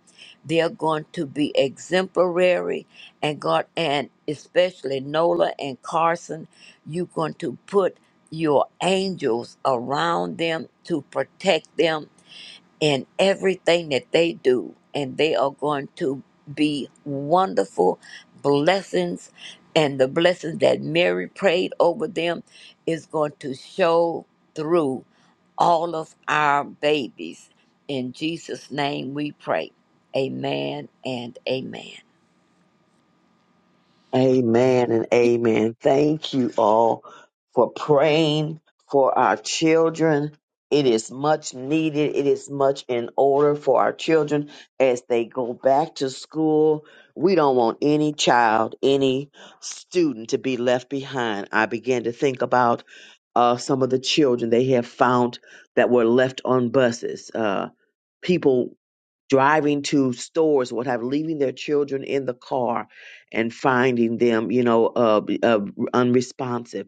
[SPEAKER 11] they're going to be exemplary, and God, and especially Nola and Carson, you're going to put your angels around them to protect them in everything that they do, and they are going to be wonderful blessings. And the blessings that Mary prayed over them is going to show through all of our babies. In Jesus' name we pray. Amen and amen.
[SPEAKER 1] Amen and amen. Thank you all for praying for our children. It is much needed. It is much in order for our children as they go back to school. We don't want any child, any student to be left behind. I began to think about uh, some of the children they have found that were left on buses. Uh, people driving to stores, what have, leaving their children in the car and finding them, you know, uh, uh, unresponsive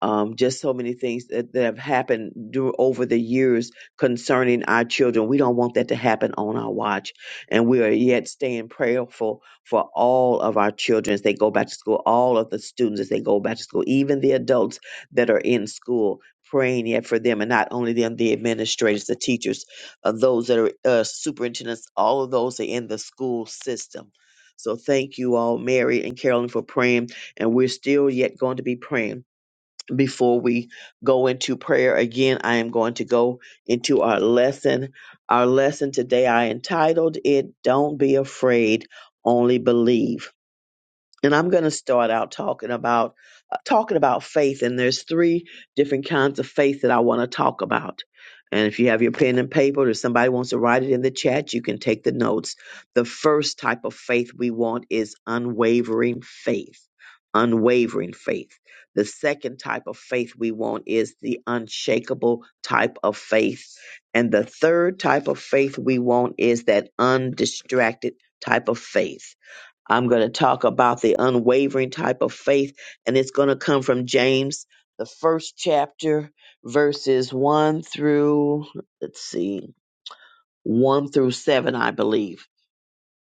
[SPEAKER 1] um, just so many things that, that have happened dur- over the years concerning our children. We don't want that to happen on our watch. And we are yet staying prayerful for all of our children as they go back to school, all of the students as they go back to school, even the adults that are in school. Praying yet for them, and not only them, the administrators, the teachers, uh, those that are uh, superintendents, all of those are in the school system. So thank you all, Mary and Carolyn, for praying, and we're still yet going to be praying before we go into prayer again i am going to go into our lesson our lesson today i entitled it don't be afraid only believe and I'm going to start out talking about uh, talking about faith and there's three different kinds of faith that I want to talk about. And if you have your pen and paper or if somebody wants to write it in the chat, you can take the notes. The first type of faith we want is unwavering faith. Unwavering faith. The second type of faith we want is the unshakable type of faith. And the third type of faith we want is that undistracted type of faith I'm going to talk about the unwavering type of faith, and it's going to come from James, the first chapter, verses 1 through, let's see, 1 through 7, I believe.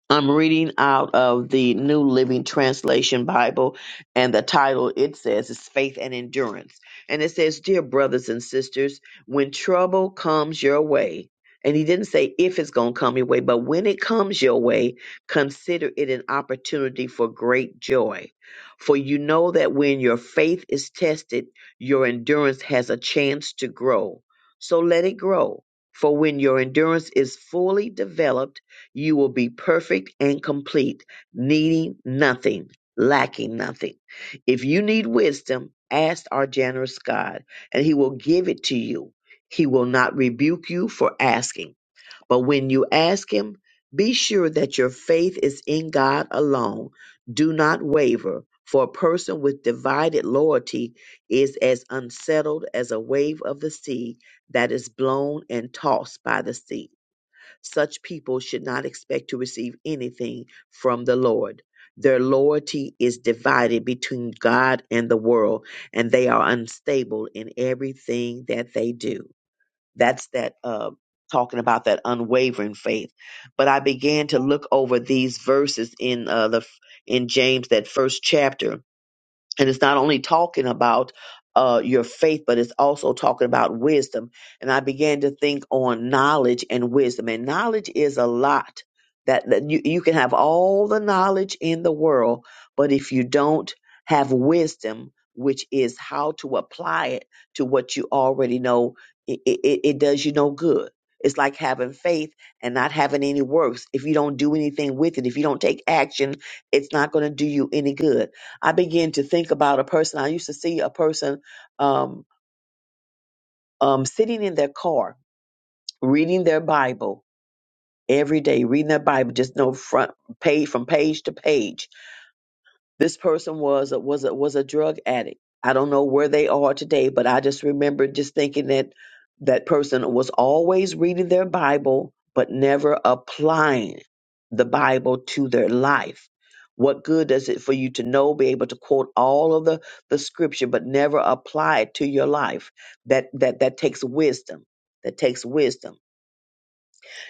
[SPEAKER 1] I'm reading out of the New Living Translation Bible, and the title it says is Faith and Endurance. And it says, Dear brothers and sisters, when trouble comes your way, and he didn't say if it's going to come your way, but when it comes your way, consider it an opportunity for great joy. For you know that when your faith is tested, your endurance has a chance to grow. So let it grow. For when your endurance is fully developed, you will be perfect and complete, needing nothing, lacking nothing. If you need wisdom, ask our generous God, and He will give it to you. He will not rebuke you for asking. But when you ask Him, be sure that your faith is in God alone. Do not waver, for a person with divided loyalty is as unsettled as a wave of the sea that is blown and tossed by the sea. Such people should not expect to receive anything from the Lord. Their loyalty is divided between God and the world, and they are unstable in everything that they do. That's that uh, talking about that unwavering faith. But I began to look over these verses in uh, the in James, that first chapter, and it's not only talking about uh, your faith, but it's also talking about wisdom. And I began to think on knowledge and wisdom. And knowledge is a lot that, that you, you can have all the knowledge in the world, but if you don't have wisdom, which is how to apply it to what you already know, it, it, it does you no good. It's like having faith and not having any works. If you don't do anything with it, if you don't take action, it's not going to do you any good. I began to think about a person. I used to see a person um, um, sitting in their car reading their Bible every day, reading their Bible, just no front page from page to page This person was a, was a, was a drug addict. I don't know where they are today, but I just remember just thinking that that person was always reading their Bible but never applying the Bible to their life. What good does it for you to know, be able to quote all of the, the scripture, but never apply it to your life? That that that takes wisdom. That takes wisdom.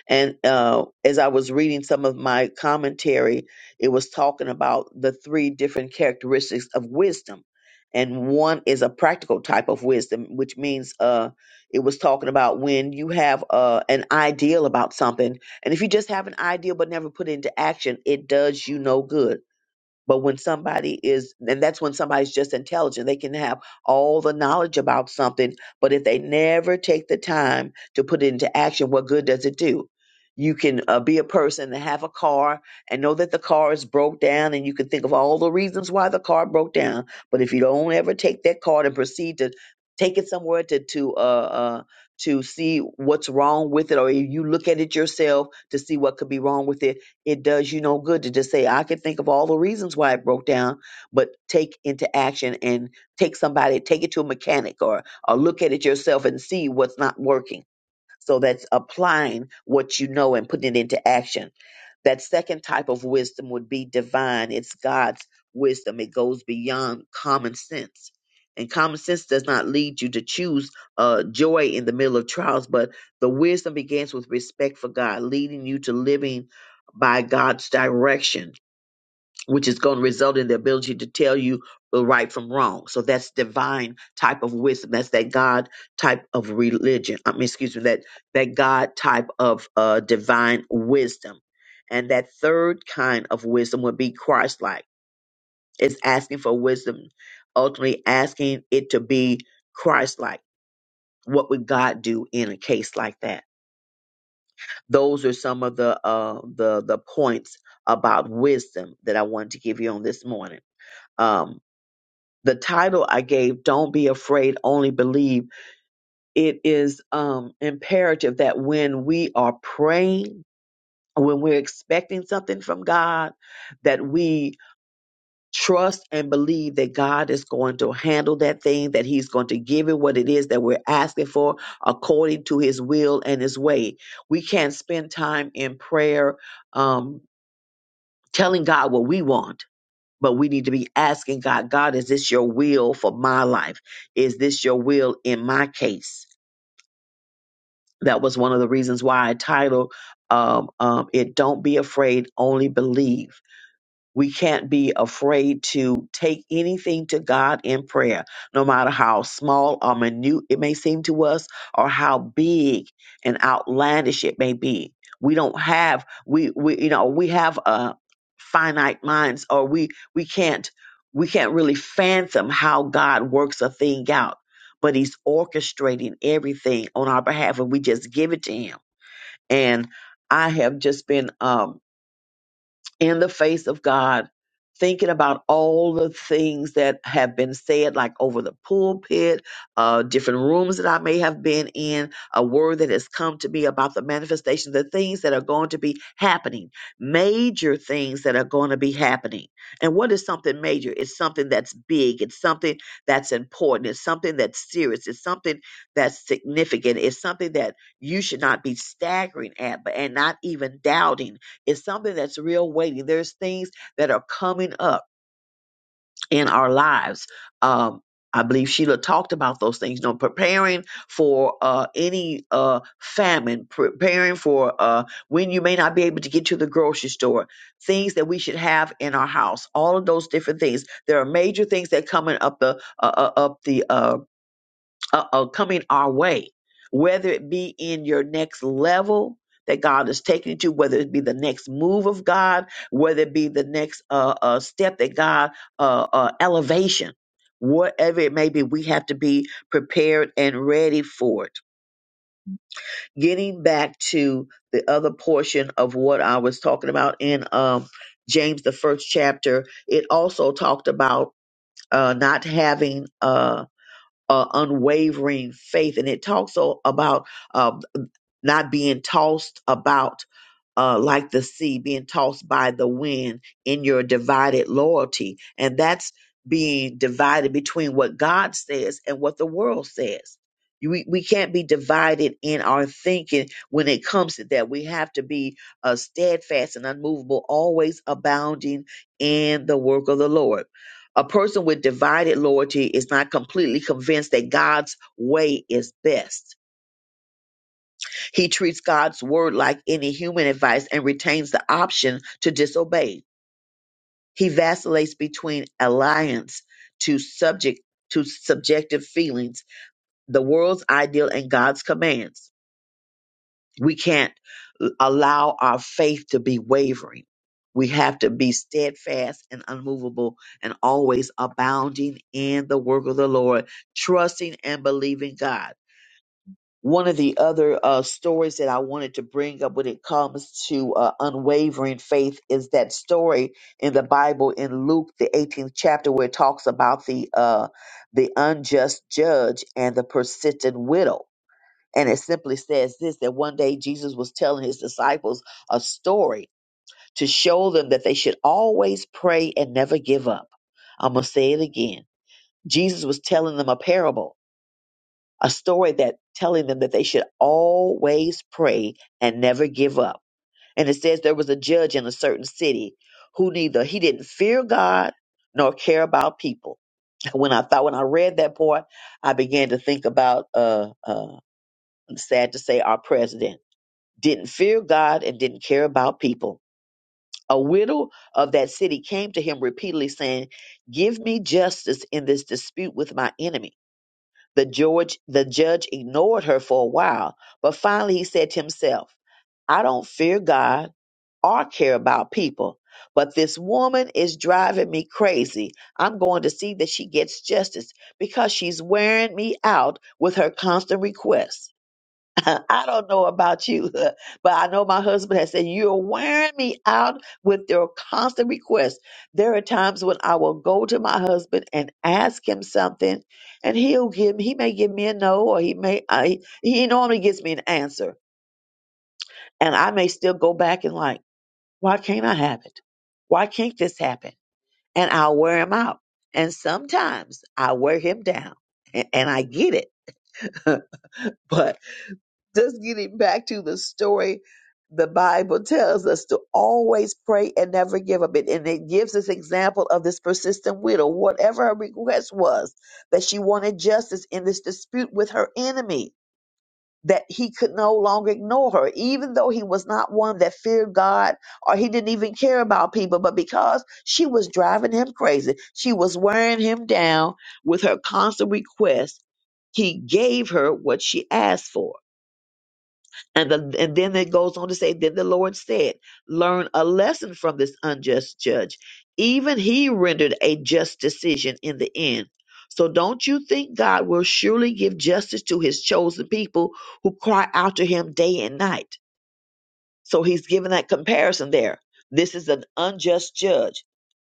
[SPEAKER 1] And uh, as I was reading some of my commentary, it was talking about the three different characteristics of wisdom. And one is a practical type of wisdom, which means uh, it was talking about when you have uh, an ideal about something. And if you just have an ideal but never put it into action, it does you no good but when somebody is, and that's when somebody's just intelligent, they can have all the knowledge about something, but if they never take the time to put it into action, what good does it do? You can uh, be a person and have a car and know that the car is broke down, and you can think of all the reasons why the car broke down. But if you don't ever take that car and proceed to take it somewhere to to uh, uh, to see what's wrong with it, or you look at it yourself to see what could be wrong with it, it does you no good to just say, I can think of all the reasons why it broke down, but take into action and take somebody, take it to a mechanic or, or look at it yourself and see what's not working so that's applying what you know and putting it into action. That second type of wisdom would be divine. It's God's wisdom. It goes beyond common sense. And common sense does not lead you to choose uh, joy in the middle of trials, but the wisdom begins with respect for God, leading you to living by God's direction which is going to result in the ability to tell you the right from wrong. So that's divine type of wisdom. That's that God type of religion. I mean, excuse me, that that God type of uh, divine wisdom. And that third kind of wisdom would be Christ-like. It's asking for wisdom, ultimately asking it to be Christ-like. What would God do in a case like that? Those are some of the uh, the the points about wisdom that I wanted to give you on this morning. Um, the title I gave, Don't Be Afraid, Only Believe, it is um, imperative that when we are praying, when we're expecting something from God, that we trust and believe that God is going to handle that thing, that He's going to give it what it is that we're asking for according to His will and His way. We can't spend time in prayer um, telling God what we want but we need to be asking God, God, is this your will for my life? Is this your will in my case? That was one of the reasons why I titled um, um, it Don't Be Afraid, Only Believe. We can't be afraid to take anything to God in prayer, no matter how small or minute it may seem to us or how big and outlandish it may be. We don't have we we you know, we have a finite minds or we we can't we can't really fathom how God works a thing out, but he's orchestrating everything on our behalf and we just give it to him. And I have just been um in the face of God, thinking about all the things that have been said, like over the pulpit, uh, different rooms that I may have been in, a word that has come to me about the manifestation, the things that are going to be happening, major things that are going to be happening. And what is something major? It's something that's big, it's something that's important, it's something that's serious, it's something that's significant, it's something that you should not be staggering at, but and not even doubting it's something that's real weighty. There's things that are coming up in our lives. Um, I believe Sheila talked about those things. You know, preparing for uh, any uh, famine, preparing for uh, when you may not be able to get to the grocery store, things that we should have in our house. All of those different things. There are major things that coming up the uh, uh, up the uh, uh, coming our way, whether it be in your next level that God is taking you to, whether it be the next move of God, whether it be the next uh, uh, step that God uh, uh, elevation, whatever it may be, we have to be prepared and ready for it. Getting back to the other portion of what I was talking about in um, James, the first chapter, it also talked about uh, not having. Uh, uh, unwavering faith. And it talks o- about uh, not being tossed about uh, like the sea being tossed by the wind in your divided loyalty. And that's being divided between what God says and what the world says. You- We, we can't be divided in our thinking when it comes to that. We have to be uh, steadfast and unmovable, always abounding in the work of the Lord. A person with divided loyalty is not completely convinced that God's way is best he treats God's word like any human advice and retains the option to disobey. He vacillates between alliance to subject to subjective feelings, the world's ideal and God's commands. We can't allow our faith to be wavering. We have to be steadfast and unmovable and always abounding in the work of the Lord, trusting and believing God. one of the other uh, stories that I wanted to bring up when it comes to uh, unwavering faith is that story in the Bible in Luke the 18th chapter where it talks about the uh, the unjust judge and the persistent widow. And it simply says this that one day Jesus was telling his disciples a story to show them that they should always pray and never give up. I'm going to say it again. Jesus was telling them a parable a story that telling them that they should always pray and never give up. And it says there was a judge in a certain city who neither he didn't fear God nor care about people. When I thought when I read that part, I began to think about uh uh sad to say our president didn't fear God and didn't care about people. A widow of that city came to him repeatedly saying, "Give me justice in this dispute with my enemy." The George the judge ignored her for a while, but finally he said to himself, I don't fear God or care about people, but this woman is driving me crazy. I'm going to see that she gets justice because she's wearing me out with her constant requests. I don't know about you, but I know my husband has said, You're wearing me out with your constant requests. There are times when I will go to my husband and ask him something, and he'll give he may give me a no, or he may, I, he normally gives me an answer. And I may still go back and like, Why can't I have it? Why can't this happen? And I'll wear him out. And sometimes I wear him down, and, and I get it. but just getting back to the story, the Bible tells us to always pray and never give up. It and it gives this example of this persistent widow, whatever her request was, that she wanted justice in this dispute with her enemy. That he could no longer ignore her, even though he was not one that feared God or he didn't even care about people, but because she was driving him crazy, she was wearing him down with her constant request. he gave her what she asked for and, the, and then it goes on to say, Then the Lord said, Learn a lesson from this unjust judge. Even he rendered a just decision in the end. So don't you think God will surely give justice to his chosen people who cry out to him day and night? So he's given that comparison there. This is an unjust judge.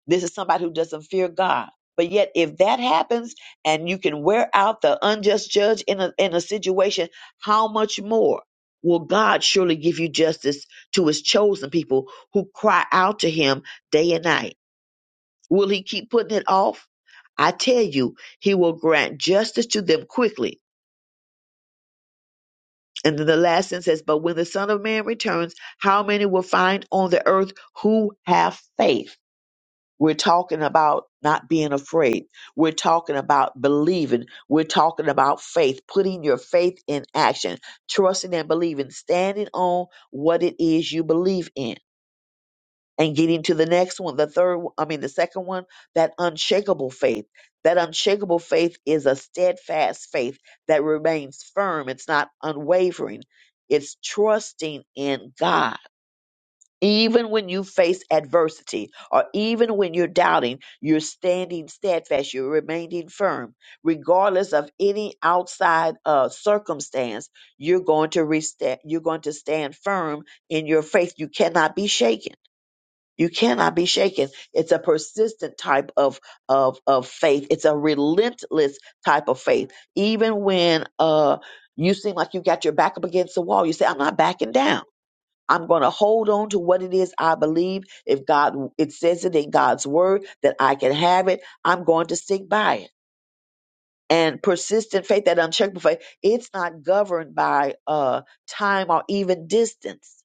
[SPEAKER 1] This is somebody who doesn't fear God. But yet, if that happens and you can wear out the unjust judge in a, in a situation, how much more will God surely give you justice to his chosen people who cry out to him day and night? Will he keep putting it off? I tell you, he will grant justice to them quickly And then the last sentence says, But when the Son of Man returns, how many will find on the earth who have faith? We're talking about not being afraid. We're talking about believing. We're talking about faith, putting your faith in action, trusting and believing, standing on what it is you believe in and getting to the next one, the third, one- I mean, the second one, that unshakable faith. That unshakable faith is a steadfast faith that remains firm. It's not unwavering. It's trusting in God. Even when you face adversity or even when you're doubting, you're standing steadfast, you're remaining firm. Regardless of any outside uh, circumstance, you're going to rest- you're going to stand firm in your faith. You cannot be shaken you cannot be shaken. It's a persistent type of of of faith. It's a relentless type of faith. Even when uh you seem like you got your back up against the wall, you say, "I'm not backing down. I'm going to hold on to what it is I believe. If God it says it in God's word that I can have it, I'm going to stick by it." And persistent faith, that unshakable faith, it's not governed by uh time or even distance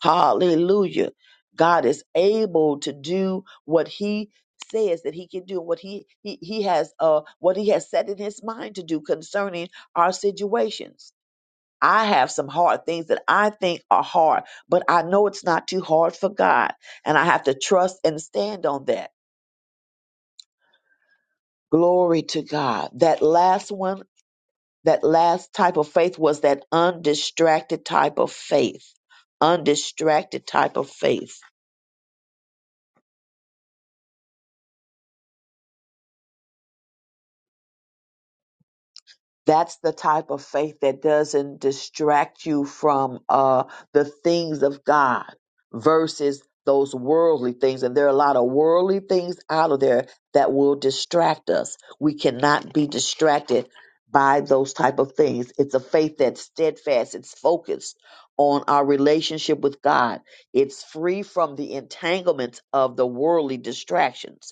[SPEAKER 1] Hallelujah. God is able to do what he says that he can do what he he, he has uh what he has set in his mind to do concerning our situations. I have some hard things that I think are hard, but I know it's not too hard for God, and I have to trust and stand on that. Glory to God. That last one, that last type of faith was that undistracted type of faith. Undistracted type of faith that's the type of faith that doesn't distract you from uh, the things of God versus those worldly things. And there are a lot of worldly things out of there that will distract us. We cannot be distracted by those type of things. It's a faith that's steadfast. It's focused on our relationship with God. It's free from the entanglements of the worldly distractions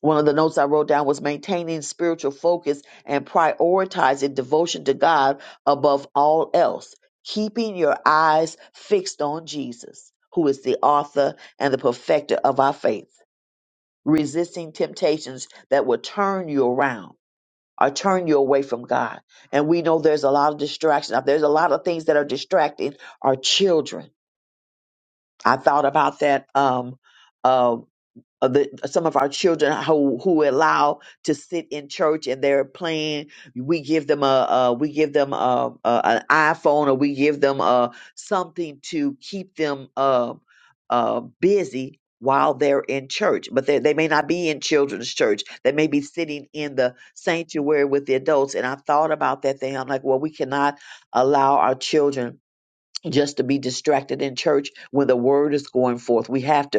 [SPEAKER 1] one of the notes I wrote down was maintaining spiritual focus and prioritizing devotion to God above all else, keeping your eyes fixed on Jesus, who is the author and the perfecter of our faith, resisting temptations that will turn you around or turn you away from God. And we know there's a lot of distraction. Now, There's a lot of things that are distracting our children. I thought about that um, um, of the, some of our children who who allow to sit in church and they're playing. We give them a, a we give them a, a an iPhone or we give them a something to keep them uh, uh, busy while they're in church. But they they may not be in children's church. They may be sitting in the sanctuary with the adults. And I thought about that thing. I'm like, well, we cannot allow our children just to be distracted in church when the word is going forth. We have to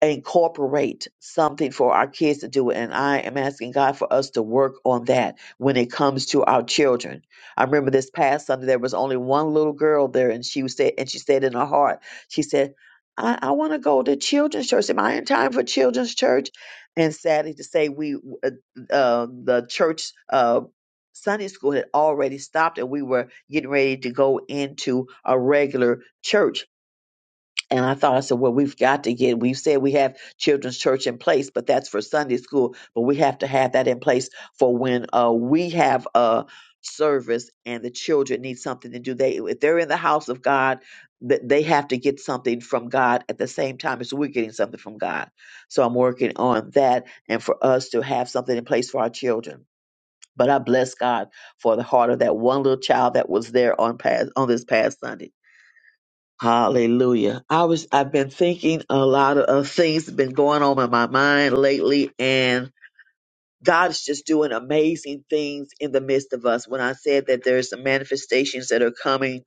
[SPEAKER 1] incorporate something for our kids to do. And I am asking God for us to work on that when it comes to our children. I remember this past Sunday, there was only one little girl there, and she said, and she said in her heart, she said, I, I want to go to children's church. Am I in time for children's church? And sadly to say, we uh, uh, the church uh, Sunday school had already stopped, and we were getting ready to go into a regular church and I thought, I said, well, we've got to get, we've said we have children's church in place, but that's for Sunday school. But we have to have that in place for when uh, we have a service and the children need something to do. They, if they're in the house of God, th- they have to get something from God at the same time as we're getting something from God. So I'm working on that and for us to have something in place for our children. But I bless God for the heart of that one little child that was there on past on this past Sunday Hallelujah. I was I've been thinking a lot of, of things have been going on in my mind lately and God is just doing amazing things in the midst of us. When I said that there's some manifestations that are coming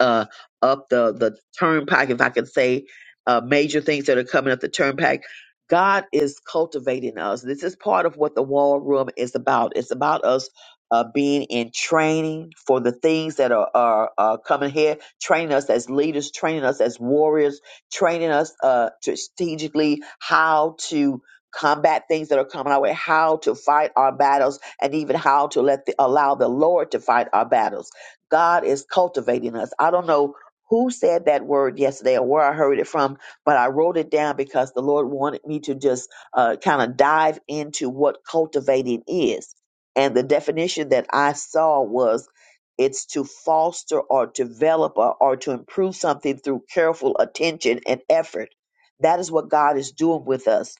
[SPEAKER 1] uh, up the the turnpike, if I can say, uh, major things that are coming up the turnpike. God is cultivating us. This is part of what the war room is about. It's about us uh, being in training for the things that are, are, are coming here, training us as leaders, training us as warriors, training us uh, strategically how to combat things that are coming our way, how to fight our battles, and even how to let the, allow the Lord to fight our battles God is cultivating us. I don't know who said that word yesterday or where I heard it from, but I wrote it down because the Lord wanted me to just uh, kind of dive into what cultivating is. And the definition that I saw was it's to foster or develop or, or to improve something through careful attention and effort. That is what God is doing with us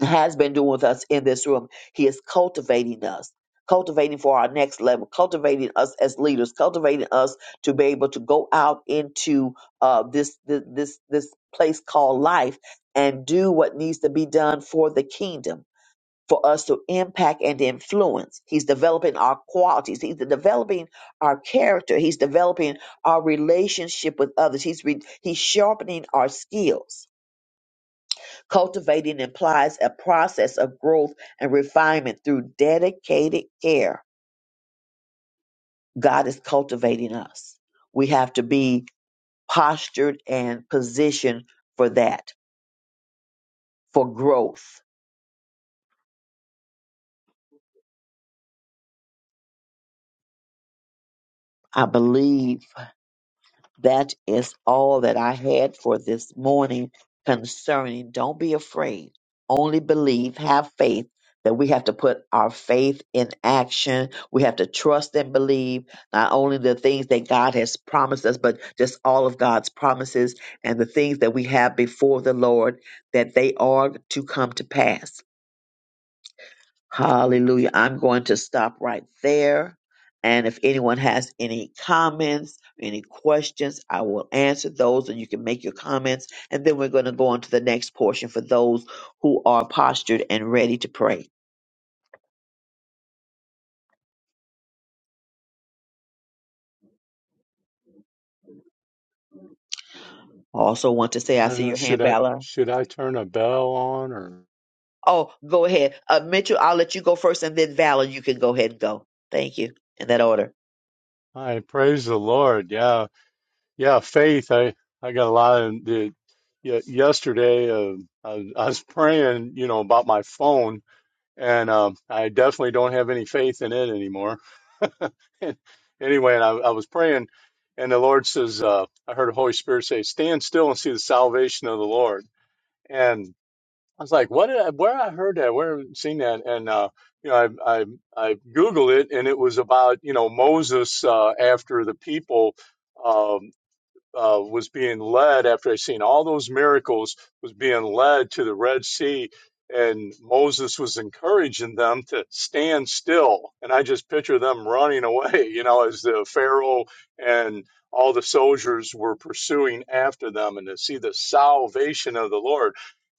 [SPEAKER 1] has been doing with us in this room. He is cultivating us, cultivating for our next level, cultivating us as leaders, cultivating us to be able to go out into uh, this this this this place called life and do what needs to be done for the kingdom. For us to impact and influence, he's developing our qualities. He's developing our character. He's developing our relationship with others. He's re- he's sharpening our skills Cultivating implies a process of growth and refinement through dedicated care. God is cultivating us. We have to be postured and positioned for that, for growth. I believe That is all that I had for this morning concerning don't be afraid, only believe, have faith. That we have to put our faith in action. We have to trust and believe not only the things that God has promised us, but just all of God's promises and the things that we have before the Lord that they are to come to pass. Hallelujah. I'm going to stop right there. And if anyone has any comments, any questions, I will answer those and you can make your comments. And then we're going to go on to the next portion for those who are postured and ready to pray. I also want to say, I
[SPEAKER 6] I don't
[SPEAKER 1] see
[SPEAKER 6] know,
[SPEAKER 1] your
[SPEAKER 6] should
[SPEAKER 1] hand,
[SPEAKER 6] I
[SPEAKER 1] Valor.
[SPEAKER 6] should I turn a bell on or
[SPEAKER 1] Oh, go ahead. Uh, Mitchell, I'll let you go first and then Valor, you can go ahead and go. Thank you. In that order.
[SPEAKER 6] I praise the Lord. Yeah. Yeah, faith. I I got a lot of the yeah, yesterday uh, I, was- I was praying, you know, about my phone and um I definitely don't have any faith in it anymore. anyway, and I, I was praying and the Lord says uh I heard the Holy Spirit say, "Stand still and see the salvation of the Lord." I was like, what did I, where I heard that, where I seen that, and uh, you know, I, I I googled it, and it was about you know Moses uh, after the people. um, uh, was being led after I seen all those miracles was being led to the Red Sea, and Moses was encouraging them to stand still. And I just picture them running away, you know, as the Pharaoh and all the soldiers were pursuing after them, and to see the salvation of the Lord.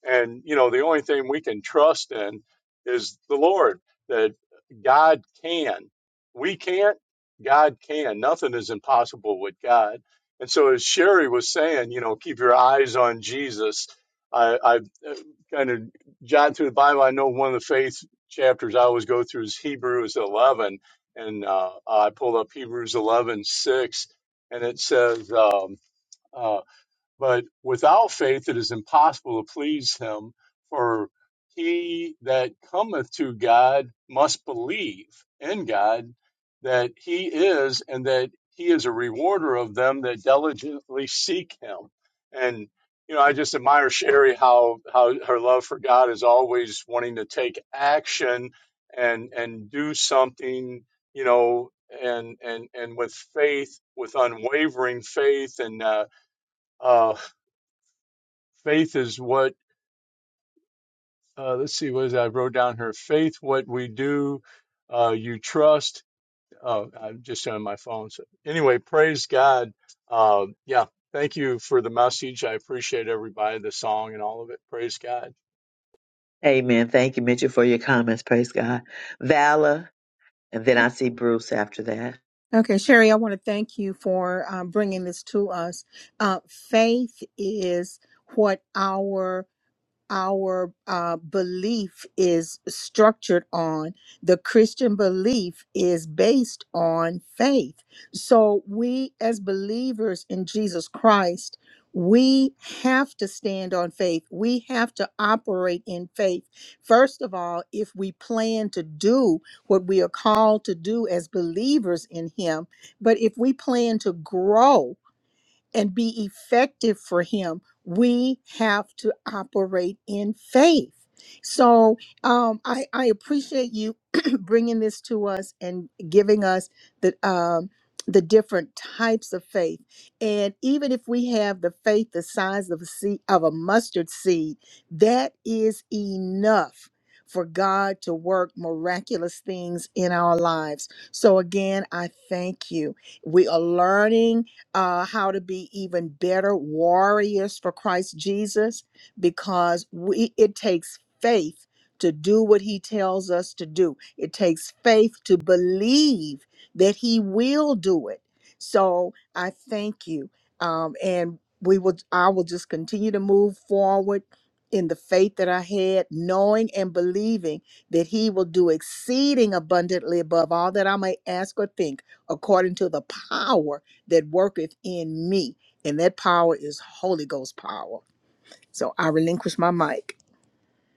[SPEAKER 6] And you know, the only thing we can trust in is the Lord. That God can. We can't. God can. Nothing is impossible with God and so, as Sherry was saying, you know, keep your eyes on Jesus. I, I kind of jotted through the Bible. I know one of the faith chapters I always go through is Hebrews 11, and uh, I pulled up Hebrews 11:6, and it says. Um, uh, but without faith, it is impossible to please him. For he that cometh to God must believe in God that he is, and that he is a rewarder of them that diligently seek him. And you know, I just admire Sherry how how her love for God is always wanting to take action and and do something. You know, and and and with faith, with unwavering faith, and uh, uh faith is what uh, let's see what is that? i wrote down here faith what we do uh, you trust uh, i'm just on my phone so anyway praise god uh, yeah thank you for the message i appreciate everybody the song and all of it praise god
[SPEAKER 1] Amen. Thank you, Mitchell, for your comments. Praise God. Valor. And then I see Bruce after that.
[SPEAKER 2] Okay, Sherry, I want to thank you for um, bringing this to us. Uh, faith is what our our uh, belief is structured on. The Christian belief is based on faith. So, we as believers in Jesus Christ, we have to stand on faith. We have to operate in faith. First of all, if we plan to do what we are called to do as believers in Him, but if we plan to grow, and be effective for him, we have to operate in faith. So um, I, I appreciate you bringing this to us and giving us the um, the different types of faith. And even if we have the faith the size of a seed of a mustard seed, that is enough for God to work miraculous things in our lives. So again, I thank you. We are learning uh, how to be even better warriors for Christ Jesus because we it takes faith to do what he tells us to do. It takes faith to believe that he will do it. So I thank you. Um, and we will I will just continue to move forward in the faith that I had, knowing and believing that he will do exceeding abundantly above all that I may ask or think according to the power that worketh in me. And that power is Holy Ghost power. So I relinquish my mic.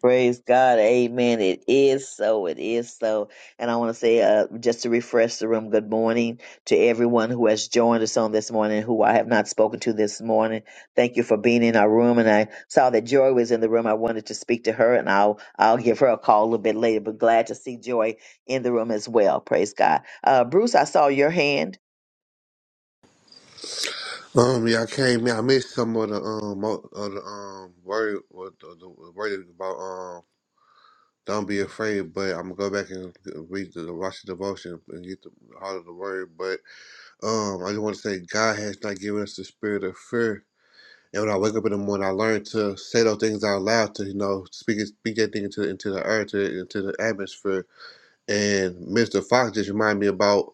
[SPEAKER 1] Praise God. Amen. It is so. It is so. And I want to say, uh, just to refresh the room, good morning to everyone who has joined us on this morning, who I have not spoken to this morning. Thank you for being in our room. And I saw that Joy was in the room. I wanted to speak to her and I'll, I'll give her a call a little bit later, but glad to see Joy in the room as well. Praise God. Uh, Bruce, I saw your hand.
[SPEAKER 12] Um, yeah, I came in. I missed some of the um of the um word what the, the word about um don't be afraid. But I'm gonna go back and read the watch the devotion and get the heart of the word. But um, I just want to say God has not given us the spirit of fear. And when I wake up in the morning, I learn to say those things out loud to you know speak it- speak that thing into into the earth to into the atmosphere. And Mr. Fox just reminded me about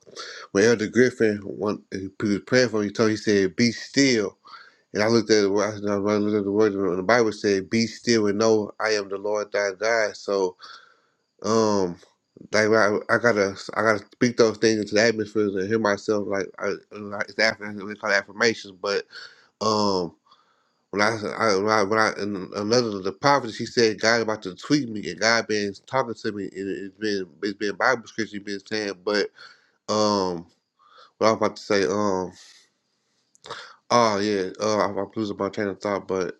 [SPEAKER 12] when Elder Griffin when he was praying for me, he told he said, "Be still." And I looked at the word, I looked at the word, and the Bible said, "Be still and know I am the Lord thy God." So, um, like I, I gotta, I gotta speak those things into the atmosphere and hear myself. Like, I, like it's after we call it affirmations, but um. When I, I, when I, when I in another of the prophets, he said God about to tweet me, and God been talking to me, and it's been it's been Bible scripture, he been saying, but um, what I was about to say, um, oh yeah, uh, I, I losing my train of thought, but.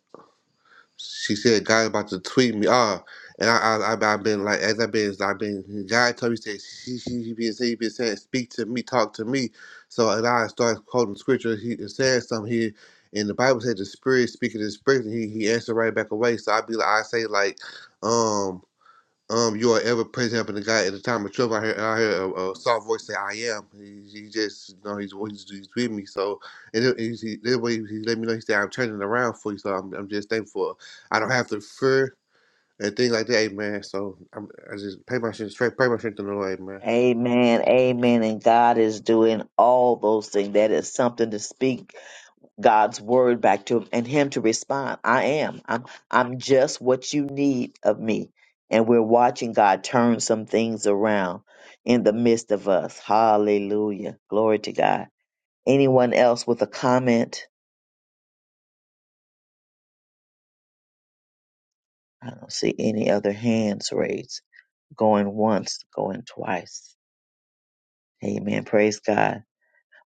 [SPEAKER 12] she said God about to tweet me. Ah, and I, I, I I've been like as I've been I've been God told me said she she he been saying he been saying speak to me, talk to me. So and I started quoting scripture. He is saying something here, and the Bible said the Spirit speaking to the Spirit, and he he answered right back away. So i be like I say like, um. Um, you are ever present helping the guy at the time of trouble. I hear I heard a, a soft voice say, "I am." He, he just, you know, he's, he's he's with me. So, and it, he's, he, that way he let me know. He said, "I'm turning around for you." So I'm, I'm just thankful. I don't have to fear and things like that, hey, man. So I'm, I just pay my shit straight, pay my strength to the Lord, hey, man.
[SPEAKER 1] Amen. Amen. And God is doing all those things. That is something to speak God's word back to him and him to respond. I am. I'm I'm just what you need of me. And we're watching God turn some things around in the midst of us. Hallelujah. Glory to God. Anyone else with a comment? I don't see any other hands raised. Going once, going twice. Amen. Praise God.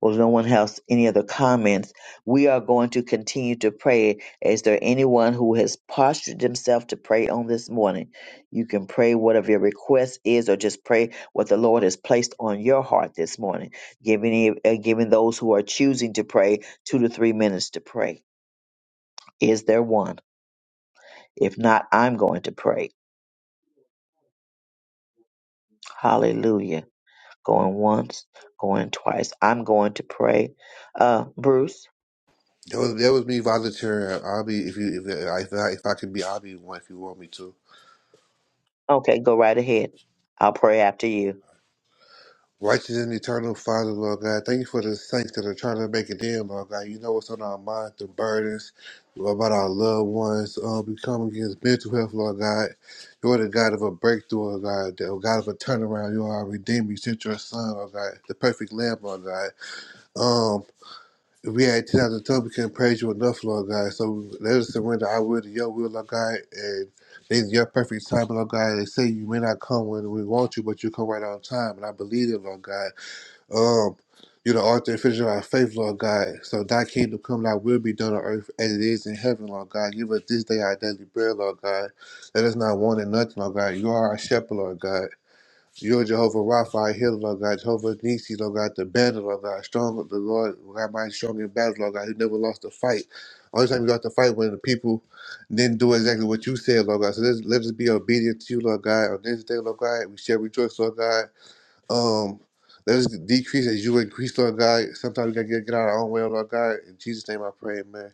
[SPEAKER 1] Well, no one has any other comments. We are going to continue to pray. Is there anyone who has postured themselves to pray on this morning? You can pray whatever your request is, or just pray what the Lord has placed on your heart this morning. Giving uh, giving those who are choosing to pray two to three minutes to pray. Is there one? If not, I'm going to pray. Hallelujah. Going once, going twice. I'm going to pray. Uh, Bruce.
[SPEAKER 12] That was that was me volunteering. I'll be if you if I- if I, if I can be, I'll be one if you want me to.
[SPEAKER 1] Okay, go right ahead. I'll pray after you.
[SPEAKER 12] Righteous and eternal Father, Lord God, thank you for the saints that are trying to make it in, Lord God. You know what's on our mind, the burdens, Lord, about our loved ones. Uh, we come against mental health, Lord God. You are the God of a breakthrough, Lord God, the God of a turnaround. You are our Redeemer. You sent your Son, Lord God, the perfect Lamb, Lord God. Um, if we had 10,000 tongues, we couldn't praise you enough, Lord God. So let us surrender our will to your will, Lord God, and it's your perfect time, Lord God. They say you may not come when we want you, but you come right on time, and I believe it, Lord God. Um, you know, author and finisher of our faith, Lord God. So thy kingdom come, thy will be done on earth as it is in heaven, Lord God. Give us this day our daily bread, Lord God. Let us not want in nothing, Lord God. You are our shepherd, Lord God. You are Jehovah Rapha, our healer, Lord God. Jehovah Nisi, Lord God, the banner, Lord God. Strong of the Lord, God, mighty strong in battle, Lord God. Who never lost a fight. Only time you got to fight when the people didn't do exactly what you said, Lord God. So let's, let us be obedient to you, Lord God. On this day, Lord God, we shall rejoice, Lord God. Um, let us decrease as you increase, Lord God. Sometimes we gotta get, get out of our own way, Lord God. In Jesus' name I pray, amen.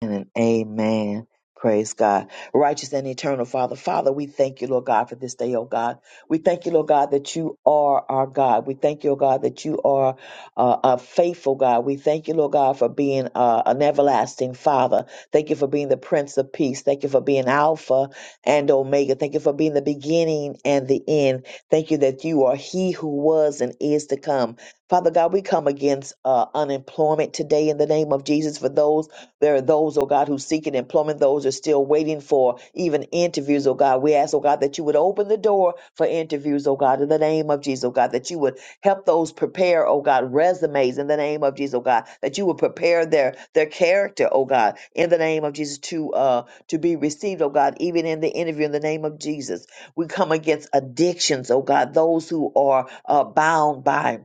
[SPEAKER 1] And amen. Praise God. Righteous and eternal Father. Father, we thank you, Lord God, for this day, oh God. We thank you, Lord God, that you are our God. We thank you, oh God, that you are uh, a faithful God. We thank you, Lord God, for being uh, an everlasting Father. Thank you for being the Prince of Peace. Thank you for being Alpha and Omega. Thank you for being the beginning and the end. Thank you that you are He who was and is to come. Father God, we come against uh, unemployment today in the name of Jesus for those there are those, oh God, who seek an employment. Those are still waiting for even interviews, oh God. We ask, oh God, that you would open the door for interviews, oh God, in the name of Jesus, oh God, that you would help those prepare, oh God, resumes in the name of Jesus, oh God, that you would prepare their their character, oh God, in the name of Jesus to uh to be received, oh God, even in the interview in the name of Jesus. We come against addictions, oh God, those who are uh, bound by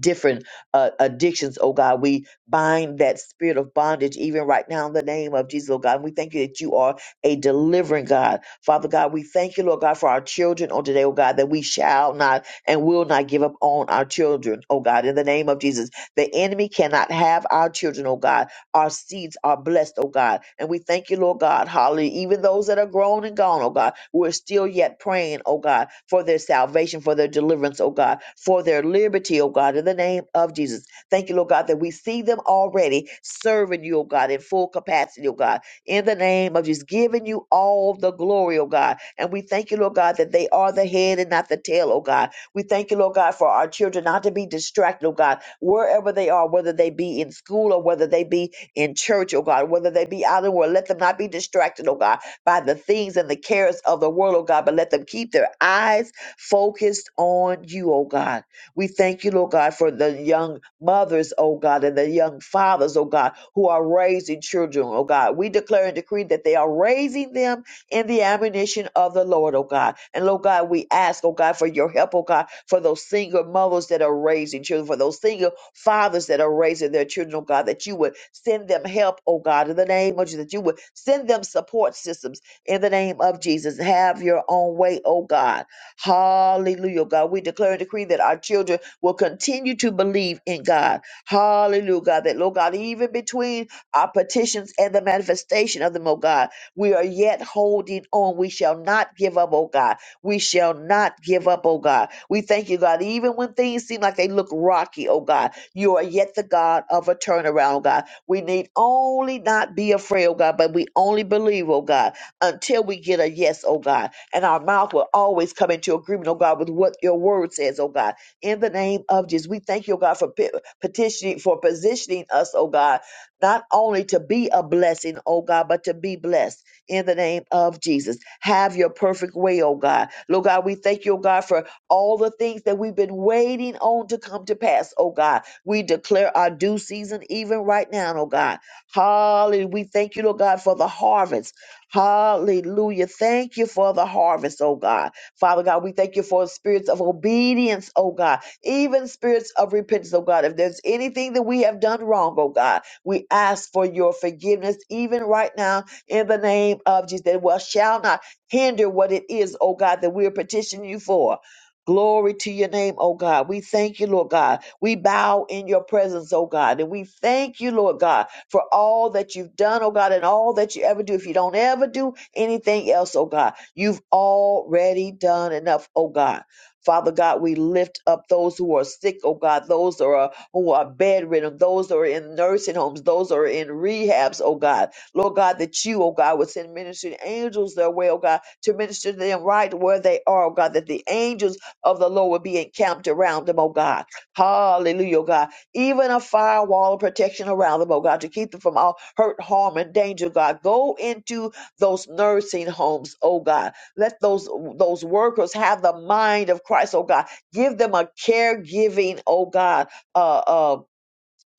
[SPEAKER 1] different uh, addictions, oh God. We bind that spirit of bondage even right now in the name of Jesus, oh God. And we thank you that you are a delivering God. Father God, we thank you, Lord God, for our children on today, oh God, that we shall not and will not give up on our children, oh God, in the name of Jesus. The enemy cannot have our children, oh God. Our seeds are blessed, oh God. And we thank you, Lord God, hallelujah. Even those that are grown and gone, oh God, we're still yet praying, oh God, for their salvation, for their deliverance, oh God, for their liberty, oh God, in the name of Jesus. Thank you, Lord God, that we see them already serving you, oh God, in full capacity, oh God, in the name of Jesus, giving you all the glory, oh God. And we thank you, Lord God, that they are the head and not the tail, oh God. We thank you, Lord God, for our children not to be distracted, oh God, wherever they are, whether they be in school or whether they be in church, oh God, whether they be out in the world. Let them not be distracted, oh God, by the things and the cares of the world, oh God, but let them keep their eyes focused on you, oh God. We thank you, Lord God, for the young mothers, oh God, and the young fathers, oh God, who are raising children, oh God. We declare and decree that they are raising them in the admonition of the Lord, oh God. And Lord God, we ask, oh God, for your help, oh God, for those single mothers that are raising children, for those single fathers that are raising their children, oh God, that you would send them help, oh God, in the name of Jesus, that you would send them support systems in the name of Jesus. Have your own way, oh God. Hallelujah, oh God. We declare and decree that our children will continue to believe in God. Hallelujah, God. That, Lord God, even between our petitions and the manifestation of them, oh God. We are yet holding on. We shall not give up, oh God. We shall not give up, oh God. We thank you, God. Even when things seem like they look rocky, oh God, you are yet the God of a turnaround, oh God. We need only not be afraid, oh God, but we only believe, oh God, until we get a yes, oh God. And our mouth will always come into agreement, oh God, with what your word says, oh God. In the name of Jesus, we thank you, oh God, for pe- petitioning, for positioning us, oh God, not only to be a blessing, oh God, but to be blessed in the name of Jesus. Have your perfect way, oh God. Lord God, we thank you, oh God, for all the things that we've been waiting on to come to pass, oh God. We declare our due season even right now, oh God. Hallelujah. We thank you, Lord God, for the harvest. Hallelujah. Thank you for the harvest, oh God. Father God, we thank you for spirits of obedience, oh God, even spirits of repentance, oh God. If there's anything that we have done wrong, oh God, we ask for your forgiveness even right now in the name of Jesus. That well shall not hinder what it is, oh God, that we're petitioning you for. Glory to your name, oh God. We thank you, Lord God. We bow in your presence, oh God. And we thank you, Lord God, for all that you've done, oh God, and all that you ever do. If you don't ever do anything else, oh God, you've already done enough, oh God. Father God, we lift up those who are sick, oh God, those who are who are bedridden, those who are in nursing homes, those who are in rehabs, oh God. Lord God, that you, oh God, would send ministering angels their way, oh God, to minister to them right where they are, oh God, that the angels of the Lord would be encamped around them, oh God. Hallelujah, oh God. Even a firewall of protection around them, oh God, to keep them from all hurt, harm, and danger, God. Go into those nursing homes, oh God. Let those those workers have the mind of Christ, oh God. Give them a caregiving, oh God, Uh. uh,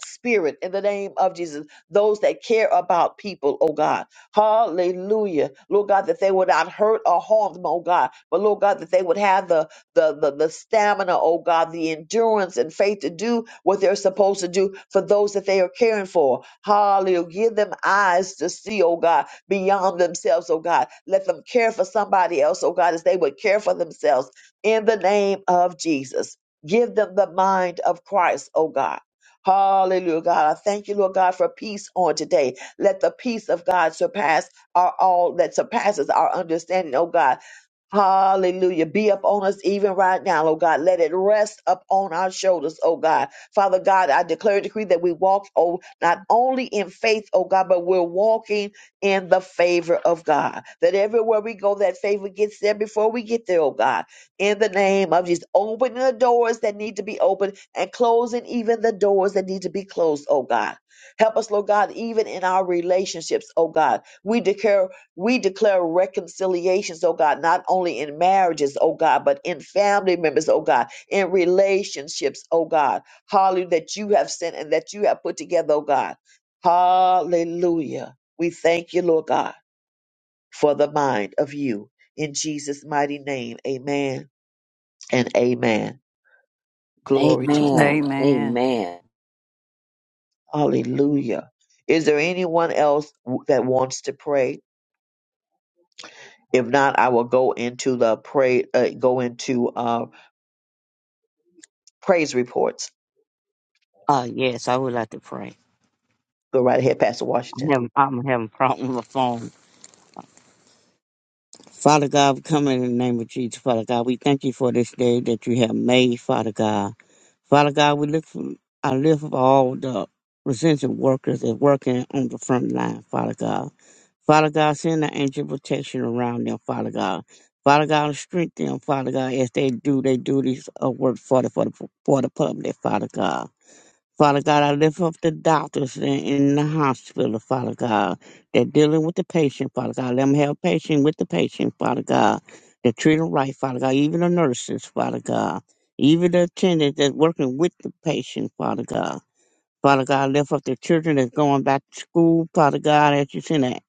[SPEAKER 1] spirit in the name of Jesus. Those that care about people, oh God. Hallelujah. Lord God, that they would not hurt or harm them, oh God. But Lord God, that they would have the the the, the stamina, oh God, the endurance and faith to do what they're supposed to do for those that they are caring for. Hallelujah. Give them eyes to see, oh God, beyond themselves, oh God. Let them care for somebody else, oh God, as they would care for themselves in the name of Jesus. Give them the mind of Christ, oh God Hallelujah, God. I thank you, Lord God, for peace on today. Let the peace of God surpass our all that surpasses our understanding, oh God. Hallelujah. Be up on us even right now, oh God. Let it rest up on our shoulders, oh God. Father God, I declare and decree that we walk, oh, not only in faith, oh God, but we're walking in the favor of God. That everywhere we go, that favor gets there before we get there, oh God. In the name of Jesus, opening the doors that need to be opened and closing even the doors that need to be closed, oh God. Help us, Lord God, even in our relationships, oh God. We declare we declare reconciliations, oh God, not only in marriages, oh God, but in family members, oh God, in relationships, oh God. Hallelujah, that you have sent and that you have put together, oh God. Hallelujah. We thank you, Lord God, for the mind of you. In Jesus' mighty name, amen and amen. Glory to God.
[SPEAKER 11] Amen.
[SPEAKER 13] Amen.
[SPEAKER 11] Amen.
[SPEAKER 1] Hallelujah. Is there anyone else w- that wants to pray? If not, I will go into the pray, uh, go into uh. praise reports.
[SPEAKER 14] Uh, yes, I would like to pray.
[SPEAKER 1] Go right ahead, Pastor
[SPEAKER 14] I'm
[SPEAKER 1] Washington.
[SPEAKER 14] having, I'm having a problem with my phone. Father God, we come in the name of Jesus, Father God. We thank you for this day that you have made, Father God. Father God, we look for, I lift up all the essential workers that working on the front line, Father God. Father God, send an angel protection around them, Father God. Father God, strengthen them, Father God, as they do their duties of work for the, for the, for the public, Father God. Father God, I lift up the doctors in, in the hospital, Father God. They're dealing with the patient, Father God. Let them have patience with the patient, Father God. They're treating right, Father God. Even the nurses, Father God. Even the attendants that's working with the patient, Father God. Father God, lift up the children that's going back to school. Father God, as you send a,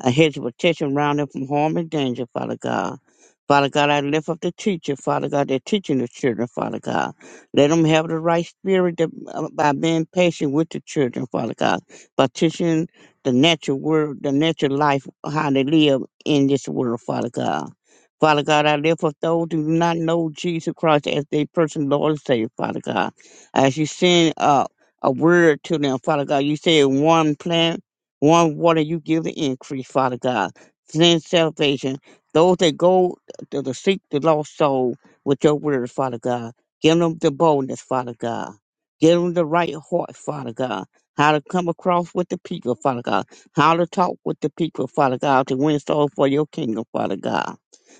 [SPEAKER 14] a hedge of protection around them from harm and danger, Father God. Father God, I lift up the teacher, Father God, they're teaching the children, Father God. Let them have the right spirit to, uh, by being patient with the children, Father God, by teaching the natural world, the natural life, how they live in this world, Father God. Father God, I lift up those who do not know Jesus Christ as their personal Lord and Savior, Father God as you send uh, a word to them, Father God. You said one plant, one water, you give the increase, Father God. Send salvation. Those that go to, to seek the lost soul with your word, Father God. Give them the boldness, Father God. Give them the right heart, Father God. How to come across with the people, Father God. How to talk with the people, Father God, to win souls for your kingdom, Father God.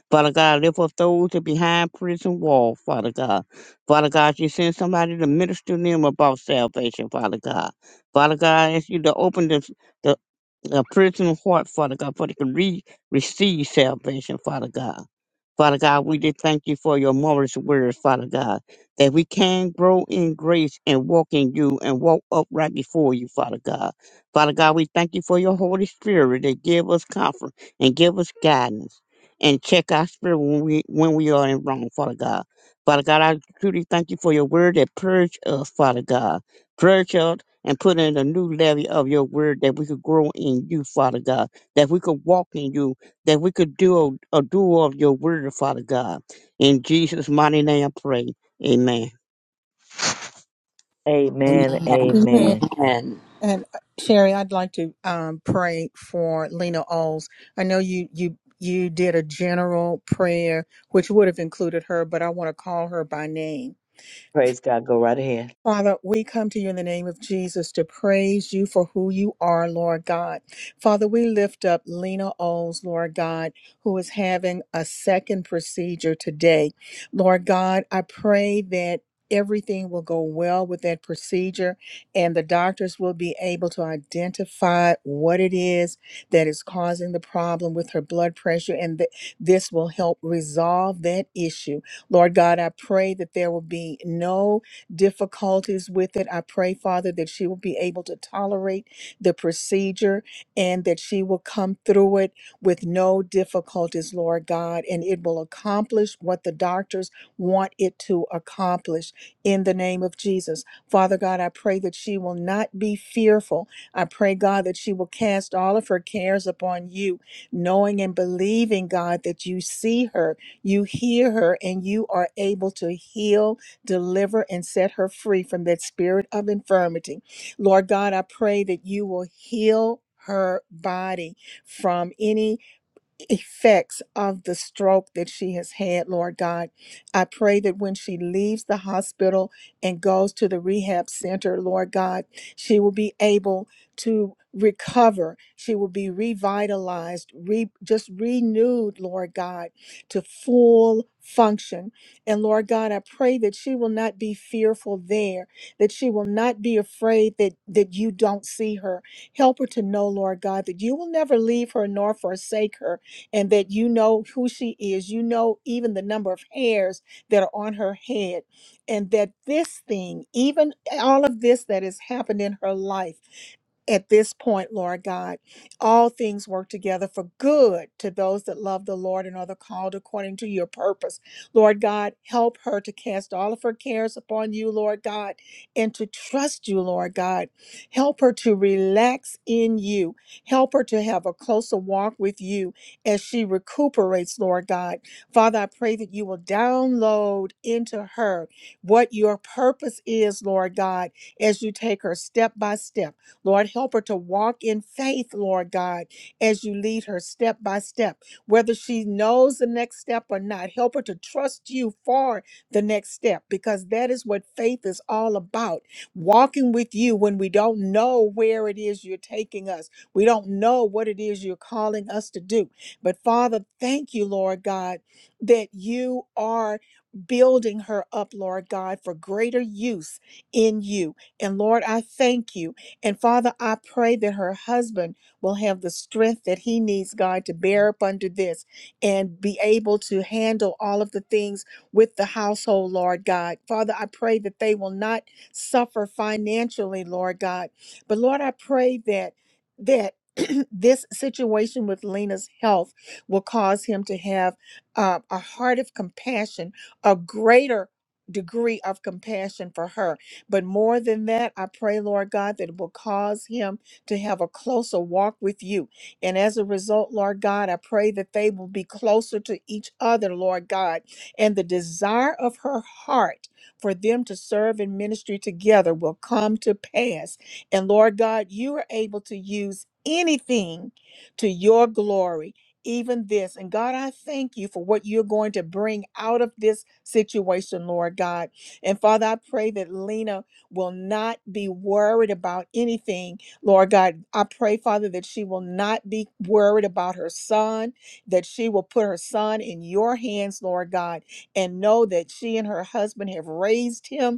[SPEAKER 14] Father God, lift up those that behind prison wall, Father God. Father God, you send somebody to minister to them about salvation, Father God. Father God, I ask you to open the, a prison heart, Father God, for they can re- receive salvation, Father God. Father God, we did thank you for your marvelous words, Father God, that we can grow in grace and walk in you and walk upright before you, Father God. Father God, we thank you for your Holy Spirit that give us comfort and give us guidance and check our spirit when we when we are in wrong, Father God. Father God, I truly thank you for your word that purge us, Father God. Purge us and put in a new levy of your word that we could grow in you, Father God, that we could walk in you, that we could do a, a do of your word, Father God. In Jesus' mighty name I pray. Amen.
[SPEAKER 1] Amen.
[SPEAKER 11] Amen.
[SPEAKER 2] Amen.
[SPEAKER 1] Amen.
[SPEAKER 2] And uh, Sherry, I'd like to um, pray for Lena Oles. I know you you you did a general prayer, which would have included her, but I want to call her by name.
[SPEAKER 1] Praise God. Go right ahead.
[SPEAKER 2] Father, we come to you in the name of Jesus to praise you for who you are, Lord God. Father, we lift up Lena Oles, Lord God, who is having a second procedure today. Lord God, I pray that everything will go well with that procedure and the doctors will be able to identify what it is that is causing the problem with her blood pressure and that this will help resolve that issue. Lord God, I pray that there will be no difficulties with it. I pray, Father, that she will be able to tolerate the procedure and that she will come through it with no difficulties, Lord God, and it will accomplish what the doctors want it to accomplish in the name of Jesus. Father God, I pray that she will not be fearful. I pray, God, that she will cast all of her cares upon you, knowing and believing, God, that you see her, you hear her, and you are able to heal deliver and set her free from that spirit of infirmity. Lord God, I pray that you will heal her body from any effects of the stroke that she has had, Lord God. I pray that when she leaves the hospital and goes to the rehab center, Lord God, she will be able to recover. She will be revitalized, re- just renewed, Lord God, to full function. And Lord God, I pray that she will not be fearful there, that she will not be afraid that that you don't see her. Help her to know, Lord God, that you will never leave her nor forsake her and that you know who she is. You know even the number of hairs that are on her head, and that this thing, even all of this that has happened in her life at this point, Lord God, all things work together for good to those that love the Lord and are the called according to your purpose. Lord God, help her to cast all of her cares upon you, Lord God, and to trust you, Lord God. Help her to relax in you. Help her to have a closer walk with you as she recuperates, Lord God. Father, I pray that you will download into her what your purpose is, Lord God, as you take her step by step. Lord, help her to walk in faith, Lord God, as you lead her step by step, whether she knows the next step or not. Help her to trust you for the next step because that is what faith is all about. Walking with you when we don't know where it is you're taking us, we don't know what it is you're calling us to do. But Father, thank you, Lord God, that you are building her up, Lord God, for greater use in you. And Lord, I thank you. And Father, I pray that her husband will have the strength that he needs, God, to bear up under this and be able to handle all of the things with the household, Lord God. Father, I pray that they will not suffer financially, Lord God. But Lord, I pray that that this situation with Lena's health will cause him to have uh, a heart of compassion, a greater degree of compassion for her but more than that, I pray, Lord God, that it will cause him to have a closer walk with you. And as a result, Lord God, I pray that they will be closer to each other, Lord God. And the desire of her heart for them to serve in ministry together will come to pass. And Lord God, you are able to use anything to your glory. Even this. And God, I thank you for what you're going to bring out of this situation, Lord God. And Father, I pray that Lena will not be worried about anything, Lord God. I pray, Father, that she will not be worried about her son, that she will put her son in your hands, Lord God, and know that she and her husband have raised him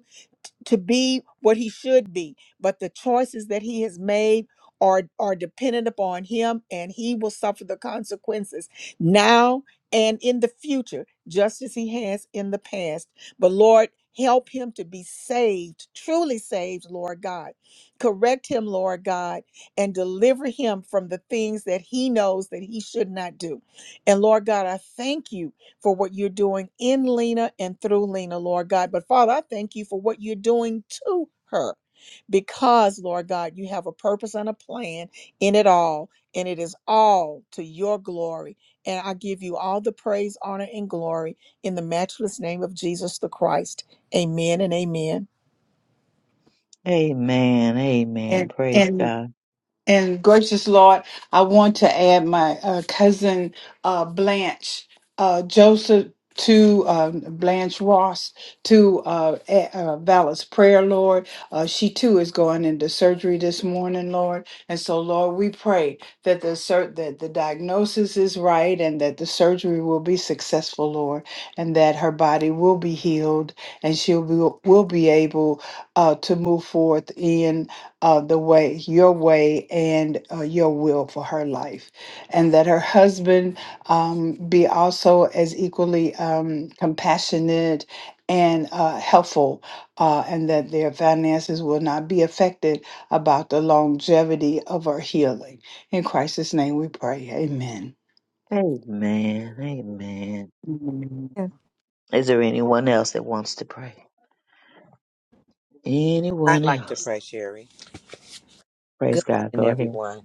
[SPEAKER 2] to be what he should be but the choices that he has made are are dependent upon him and he will suffer the consequences now and in the future just as he has in the past but lord help him to be saved truly saved lord god correct him lord god and deliver him from the things that he knows that he should not do and lord god i thank you for what you're doing in Lena and through Lena, Lord God. But Father, I thank you for what you're doing to her because, Lord God, you have a purpose and a plan in it all, and it is all to your glory. And I give you all the praise, honor, and glory in the matchless name of Jesus the Christ. Amen and amen.
[SPEAKER 1] Amen. Amen.
[SPEAKER 15] And
[SPEAKER 1] Praise
[SPEAKER 15] and
[SPEAKER 1] God.
[SPEAKER 15] and gracious Lord, I want to add my uh, cousin uh, Blanche uh, Joseph to uh, Blanche Ross to uh, a- uh, Val's prayer, Lord. Uh, she too is going into surgery this morning, Lord. And so, Lord, we pray that the sur- that the diagnosis is right and that the surgery will be successful, Lord, and that her body will be healed and she'll be will be able uh, to move forth in uh, the way, your way, and uh, your will for her life. And that her husband um, be also as equally um, compassionate and uh, helpful, uh, and that their finances will not be affected about the longevity of her healing. In Christ's name we pray. Amen.
[SPEAKER 1] Amen. Amen.
[SPEAKER 15] Amen.
[SPEAKER 2] Amen.
[SPEAKER 1] Is there anyone else that wants to pray?
[SPEAKER 3] I'd
[SPEAKER 1] Anyone
[SPEAKER 3] like to
[SPEAKER 1] else?
[SPEAKER 3] pray, Sherry. Good
[SPEAKER 1] Praise God. Go
[SPEAKER 3] morning,
[SPEAKER 1] ahead.
[SPEAKER 3] everyone.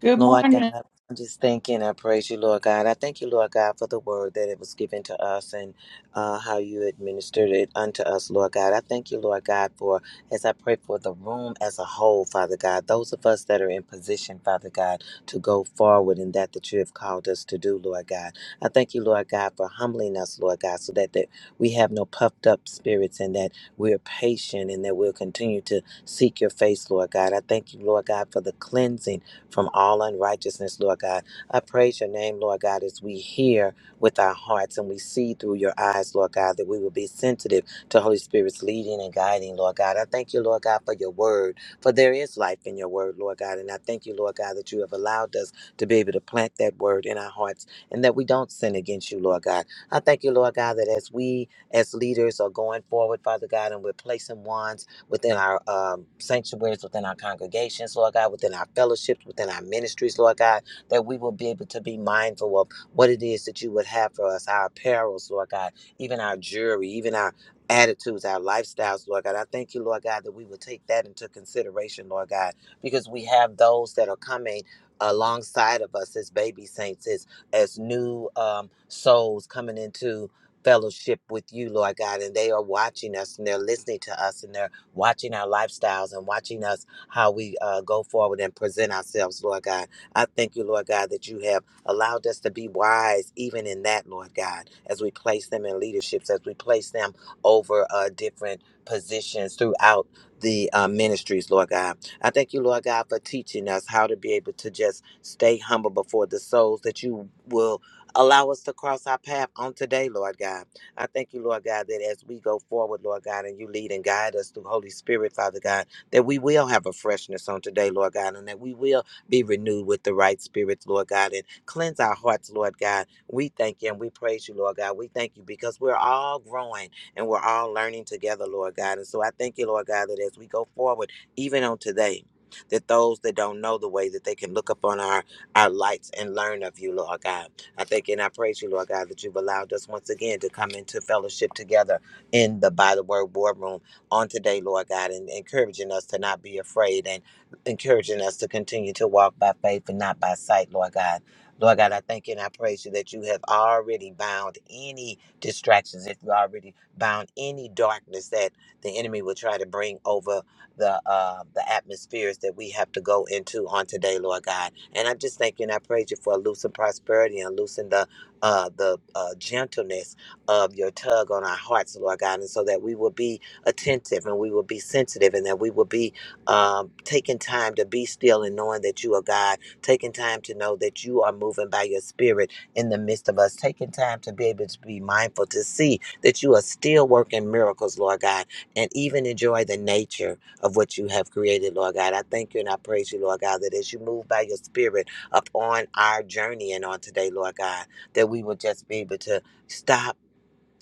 [SPEAKER 15] Good
[SPEAKER 3] Lord
[SPEAKER 15] morning.
[SPEAKER 3] God, I'm just thanking. I praise you, Lord God. I thank you, Lord God, for the word that it was given to us and uh, how you administered it unto us, Lord God. I thank you, Lord God, for as I pray for the room as a whole, Father God, those of us that are in position, Father God, to go forward in that that you have called us to do, Lord God. I thank you, Lord God, for humbling us, Lord God, so that, that we have no puffed up spirits and that we're patient and that we'll continue to seek your face, Lord God. I thank you, Lord God, for the cleansing from all unrighteousness, Lord God. I praise your name, Lord God, as we hear with our hearts and we see through your eyes, Lord God, that we will be sensitive to Holy Spirit's leading and guiding, Lord God. I thank you, Lord God, for your word, for there is life in your word, Lord God. And I thank you, Lord God, that you have allowed us to be able to plant that word in our hearts and that we don't sin against you, Lord God. I thank you, Lord God, that as we as leaders are going forward, Father God, and we're placing wands within our um, sanctuaries, within our congregations, Lord God, within our fellowships, within our ministries, Lord God, that we will be able to be mindful of what it is that you would have for us, our apparels, Lord God, even our jewelry, even our attitudes, our lifestyles, Lord God. I thank you, Lord God, that we will take that into consideration, Lord God, because we have those that are coming alongside of us as baby saints, as, as new um, souls coming into fellowship with you, Lord God, and they are watching us and they're listening to us and they're watching our lifestyles and watching us how we uh, go forward and present ourselves, Lord God. I thank you, Lord God, that you have allowed us to be wise even in that, Lord God, as we place them in leaderships, as we place them over uh, different positions throughout the uh, ministries, Lord God. I thank you, Lord God, for teaching us how to be able to just stay humble before the souls that you will allow us to cross our path on today, Lord God. I thank you, Lord God, that as we go forward, Lord God, and you lead and guide us through Holy Spirit, Father God, that we will have a freshness on today, Lord God, and that we will be renewed with the right spirits, Lord God, and cleanse our hearts, Lord God. We thank you and we praise you, Lord God. We thank you because we're all growing and we're all learning together, Lord God. And so I thank you, Lord God, that as we go forward, even on today, that those that don't know the way that they can look upon our our lights and learn of you, Lord God. I thank you and I praise you, Lord God, that you've allowed us once again to come into fellowship together in the By the Word War Room on today, Lord God, and encouraging us to not be afraid and encouraging us to continue to walk by faith and not by sight, Lord God. Lord God, I thank you and I praise you that you have already bound any distractions, if you already bound any darkness that the enemy will try to bring over the uh, the atmospheres that we have to go into on today, Lord God. And I'm just thanking, I praise you for loosening prosperity and loosening the uh, the uh, gentleness of your tug on our hearts, Lord God, and so that we will be attentive and we will be sensitive and that we will be um, taking time to be still and knowing that you are God, taking time to know that you are moving by your spirit in the midst of us, taking time to be able to be mindful to see that you are still working miracles, Lord God, and even enjoy the nature of what you have created, Lord God. I thank you and I praise you, Lord God, that as you move by your spirit upon our journey and on today, Lord God, that we will just be able to stop,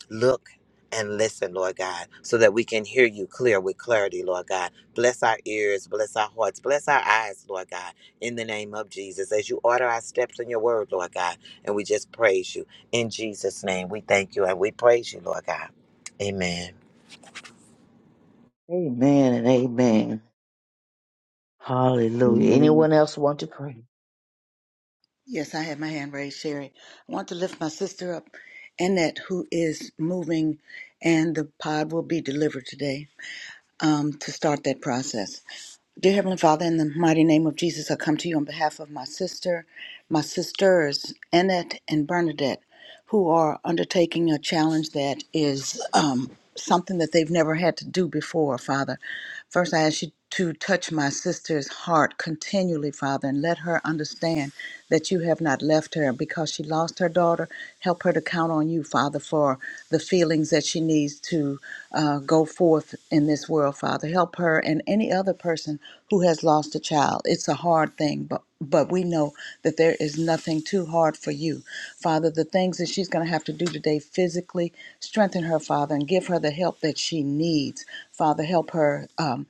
[SPEAKER 3] look, and listen, Lord God, so that we can hear you clear with clarity, Lord God. Bless our ears, bless our hearts, bless our eyes, Lord God, in the name of Jesus, as you order our steps in your word, Lord God. And we just praise you. In Jesus' name, we thank you and we praise you, Lord God. Amen.
[SPEAKER 1] Amen and amen. Hallelujah.
[SPEAKER 14] Amen.
[SPEAKER 1] Anyone else want to pray?
[SPEAKER 4] Yes, I had my hand raised, Sherry. I want to lift my sister up, Annette, who is moving, and the pod will be delivered today um, to start that process. Dear Heavenly Father, in the mighty name of Jesus, I come to you on behalf of my sister, my sisters, Annette and Bernadette, who are undertaking a challenge that is um, something that they've never had to do before, Father. First, I ask you to touch my sister's heart continually, Father, and let her understand that you have not left her because she lost her daughter. Help her to count on you, Father, for the feelings that she needs to uh, go forth in this world, Father. Help her and any other person who has lost a child. It's a hard thing, but but we know that there is nothing too hard for you. Father, the things that she's going to have to do today physically, strengthen her, Father, and give her the help that she needs. Father, help her um,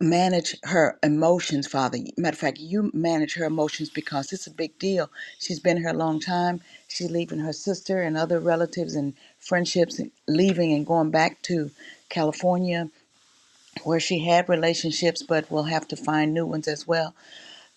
[SPEAKER 4] manage her emotions, Father. Matter of fact, you manage her emotions because it's a big deal. She's been here a long time. She's leaving her sister and other relatives and friendships, and leaving and going back to California, where she had relationships but will have to find new ones as well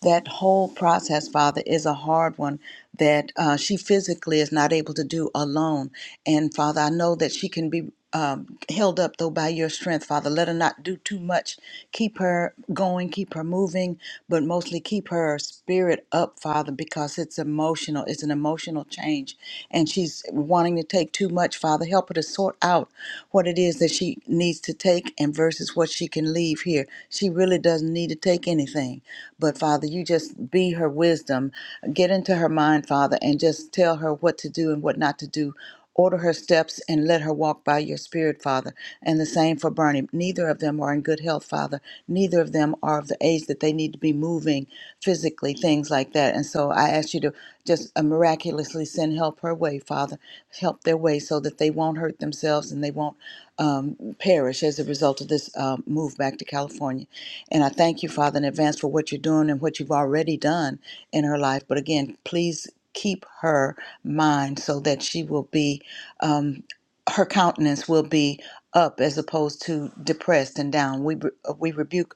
[SPEAKER 4] that whole process, Father, is a hard one that uh, she physically is not able to do alone. And Father, I know that she can be. Um, held up though by your strength, Father. Let her not do too much. Keep her going, keep her moving, but mostly keep her spirit up, Father, because it's emotional. It's an emotional change. And she's wanting to take too much, Father. Help her to sort out what it is that she needs to take and versus what she can leave here. She really doesn't need to take anything. But Father, you just be her wisdom. Get into her mind, Father, and just tell her what to do and what not to do. Order her steps and let her walk by your spirit, Father. And the same for Bernie. Neither of them are in good health, Father. Neither of them are of the age that they need to be moving physically, things like that. And so I ask you to just uh, miraculously send help her way, Father. Help their way so that they won't hurt themselves and they won't um, perish as a result of this um move back to California. And I thank you, Father, in advance for what you're doing and what you've already done in her life. But again, please keep her mind so that she will be. Um, her countenance will be up as opposed to depressed and down. We, re- uh, we rebuke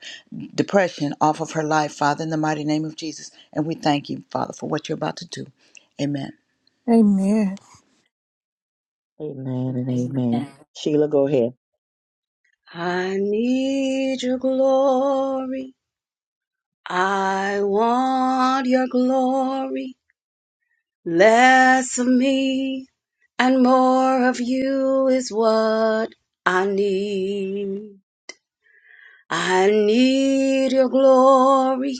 [SPEAKER 4] depression off of her life, Father, in the mighty name of Jesus. And we thank you, Father, for what you're about to do. Amen.
[SPEAKER 2] Amen.
[SPEAKER 1] Amen and amen. Sheila, go ahead.
[SPEAKER 16] I need your glory. I want your glory. Less of me and more of you is what I need. I need your glory.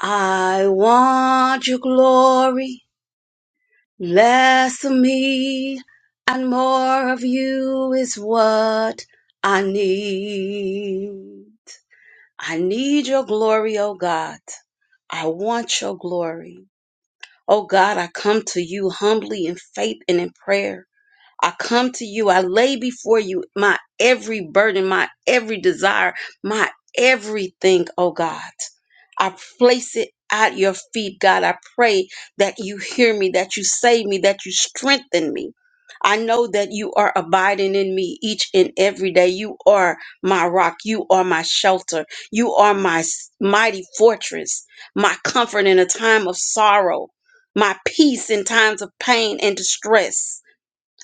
[SPEAKER 16] I want your glory. Less of me and more of you is what I need. I need your glory, O God. I want your glory. Oh God, I come to you humbly in faith and in prayer. I come to you. I lay before you my every burden, my every desire, my everything, oh God. I place it at your feet, God. I pray that you hear me, that you save me, that you strengthen me. I know that you are abiding in me each and every day. You are my rock. You are my shelter. You are my s- mighty fortress, my comfort in a time of sorrow, my peace in times of pain and distress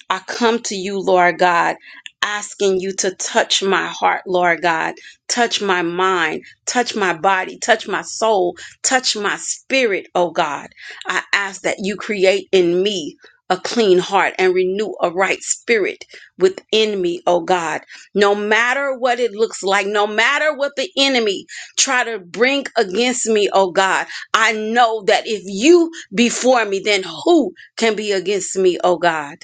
[SPEAKER 16] I come to you, Lord God, asking you to touch my heart, Lord God, touch my mind, touch my body, touch my soul, touch my spirit, oh God. I ask that you create in me a clean heart and renew a right spirit within me, oh God. No matter what it looks like, no matter what the enemy try to bring against me, oh God, I know that if you be for me, then who can be against me, oh God?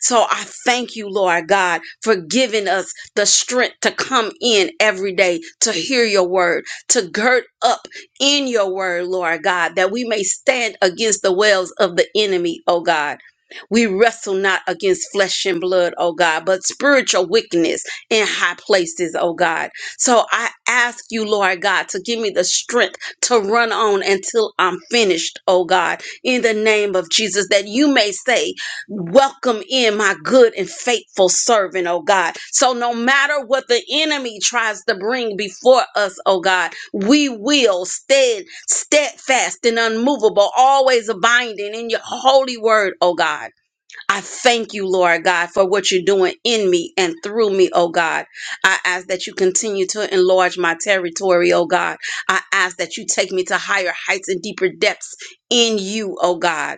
[SPEAKER 16] So I thank you, Lord God, for giving us the strength to come in every day to hear your word, to gird up in your word, Lord God, that we may stand against the wells of the enemy, oh God. We wrestle not against flesh and blood, oh God, but spiritual wickedness in high places, oh God. So I ask you, Lord God, to give me the strength to run on until I'm finished, oh God, in the name of Jesus, that you may say Welcome in my good and faithful servant, oh God. So, no matter what the enemy tries to bring before us, oh God, we will stand steadfast and unmovable, always abiding in your holy word, oh God. I thank you, Lord God, for what you're doing in me and through me, oh God. I ask that you continue to enlarge my territory, oh God. I ask that you take me to higher heights and deeper depths in you, oh God.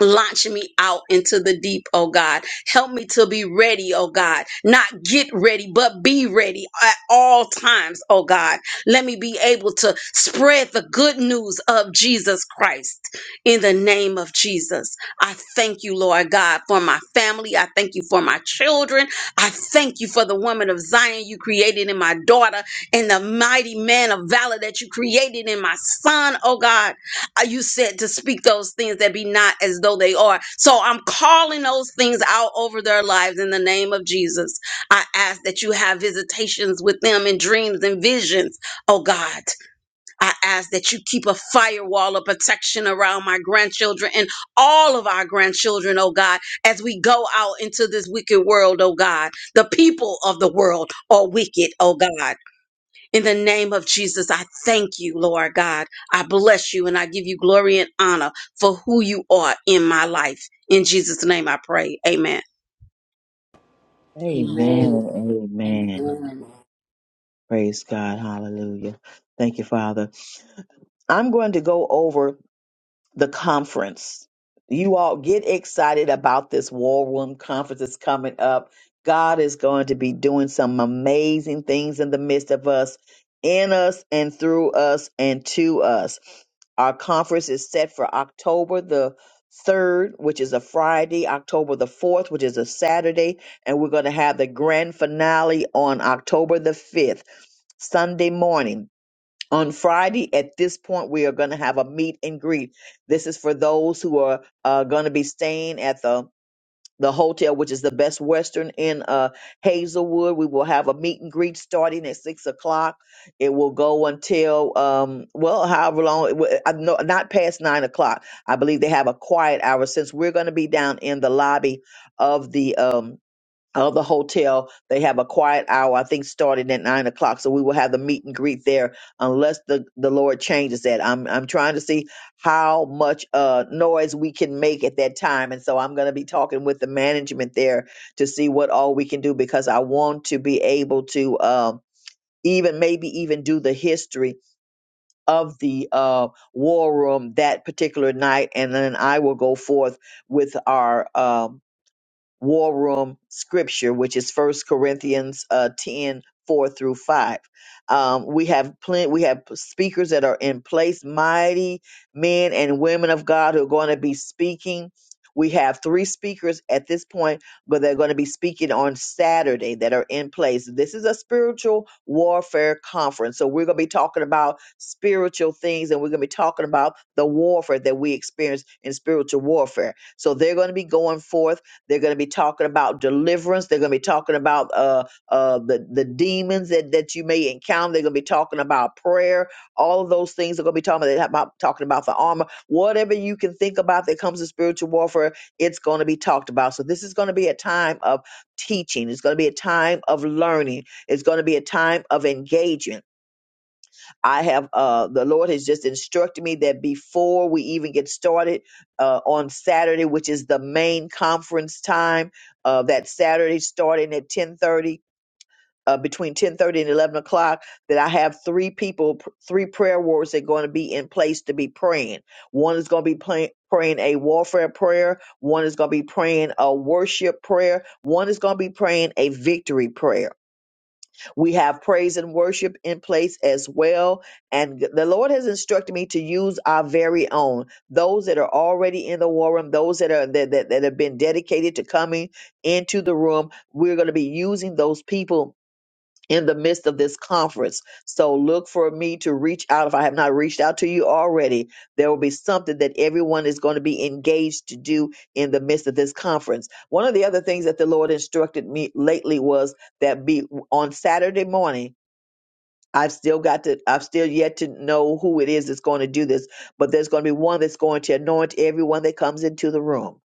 [SPEAKER 16] Launch me out into the deep, oh God. Help me to be ready, oh God. Not get ready, but be ready at all times, oh God. Let me be able to spread the good news of Jesus Christ in the name of Jesus. I thank you, Lord God, for my family. I thank you for my children. I thank you for the woman of Zion you created in my daughter and the mighty man of valor that you created in my son, oh God uh, you said to speak those things that be not as though they are. So I'm calling those things out over their lives in the name of Jesus. I ask that you have visitations with them in dreams and visions. Oh God, I ask that you keep a firewall of protection around my grandchildren and all of our grandchildren, oh God, as we go out into this wicked world, oh God. The people of the world are wicked, oh God. In the name of Jesus, I thank you, Lord God. I bless you and I give you glory and honor for who you are in my life. In Jesus' name I pray. Amen.
[SPEAKER 11] Amen.
[SPEAKER 1] Amen and amen.
[SPEAKER 11] Amen.
[SPEAKER 1] Praise God. Hallelujah. Thank you, Father. I'm going to go over the conference. You all get excited about this war room conference that's coming up. God is going to be doing some amazing things in the midst of us, in us and through us and to us. Our conference is set for October the 3rd, which is a Friday, October the 4th, which is a Saturday, and we're going to have the grand finale on October the 5th, Sunday morning on Friday at this point, we are going to have a meet and greet. This is for those who are uh, going to be staying at the the hotel, which is the Best Western in uh, Hazelwood. We will have a meet and greet starting at six o'clock. It will go until um, well, however long, it will- uh, no, not past nine o'clock. I believe they have a quiet hour since we're going to be down in the lobby of the um, of the hotel. They have a quiet hour, I think, starting at nine o'clock. So we will have the meet and greet there, unless the the Lord changes that. I'm I'm trying to see how much uh noise we can make at that time, and so I'm going to be talking with the management there to see what all we can do because I want to be able to um even maybe even do the history of the uh war room that particular night and then I will go forth with our um war room scripture, which is First Corinthians uh, 10, four through 5. Um, we have plenty, we have speakers that are in place, mighty men and women of God who are going to be speaking. We have three speakers at this point, but they're going to be speaking on Saturday that are in place. This is a spiritual warfare conference. So we're going to be talking about spiritual things and we're going to be talking about the warfare that we experience in spiritual warfare. So they're going to be going forth they're going to be talking about deliverance. They're going to be talking about uh, uh, the the demons that, that you may encounter. They're going to be talking about prayer. All of those things are going to be talking about, about talking about the armor. Whatever you can think about that comes to spiritual warfare, it's going to be talked about. So this is going to be a time of teaching. It's going to be a time of learning. It's going to be a time of engagement I have uh the Lord has just instructed me that before we even get started uh on Saturday, which is the main conference time, uh that Saturday starting at ten thirty. Uh, between 10.30 and 11 o'clock that i have three people pr- three prayer warriors that are going to be in place to be praying one is going to be play, praying a warfare prayer one is going to be praying a worship prayer one is going to be praying a victory prayer we have praise and worship in place as well. And the Lord has instructed me to use our very own, those that are already in the war room, those that are that, that, that have been dedicated to coming into the room. We're going to be using those people in the midst of this conference. So look for me to reach out. If I have not reached out to you already, there will be something that everyone is going to be engaged to do in the midst of this conference. One of the other things that the Lord instructed me lately was that be on Saturday morning. I've still got to, I've still yet to know who it is that's going to do this, but there's going to be one that's going to anoint everyone that comes into the room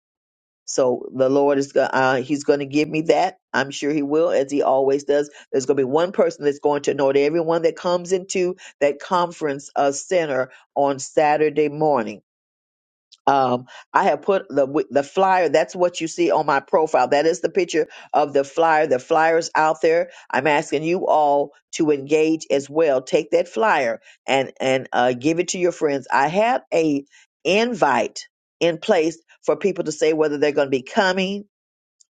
[SPEAKER 1] so the Lord is going. Uh, he's going to give me that. I'm sure He will, as He always does. There's going to be one person that's going to anoint everyone that comes into that conference uh, center on Saturday morning um, I have put the wi- the flyer. That's what you see on my profile. That is the picture of the flyer. The flyer's out there. I'm asking you all to engage as well. Take that flyer and and uh, give it to your friends. I have a invite in place for people to say whether they're going to be coming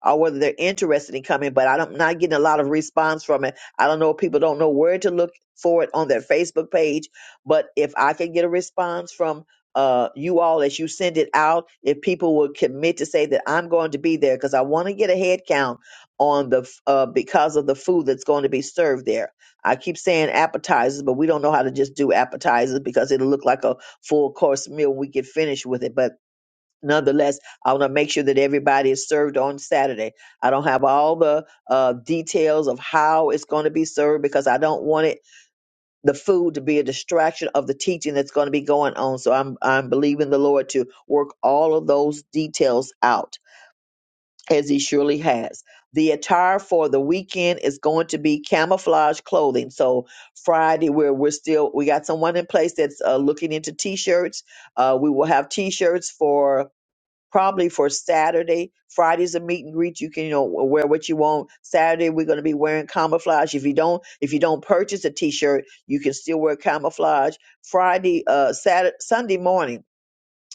[SPEAKER 1] or whether they're interested in coming, but I don't, not getting a lot of response from it. I don't know. People don't know where to look for it on their Facebook page. But if I can get a response from uh, you all as you send it out, if people will commit to say that I'm going to be there, because I want to get a head count on the f- uh, because of the food that's going to be served there. I keep saying appetizers, but we don't know how to just do appetizers because it'll look like a full course meal when we get finished with it. But nonetheless, I want to make sure that everybody is served on Saturday. I don't have all the uh, details of how it's going to be served because I don't want it the food to be a distraction of the teaching that's going to be going on. So I'm I'm believing the Lord to work all of those details out as He surely has. The attire for the weekend is going to be camouflage clothing. So Friday, where we're still we got someone in place that's uh, looking into t-shirts. Uh, we will have t-shirts for probably for Saturday. Friday's a meet and greet. You can, you know, wear what you want. Saturday we're going to be wearing camouflage. If you don't, if you don't purchase a T-shirt, you can still wear camouflage. Friday, uh, Saturday, Sunday morning.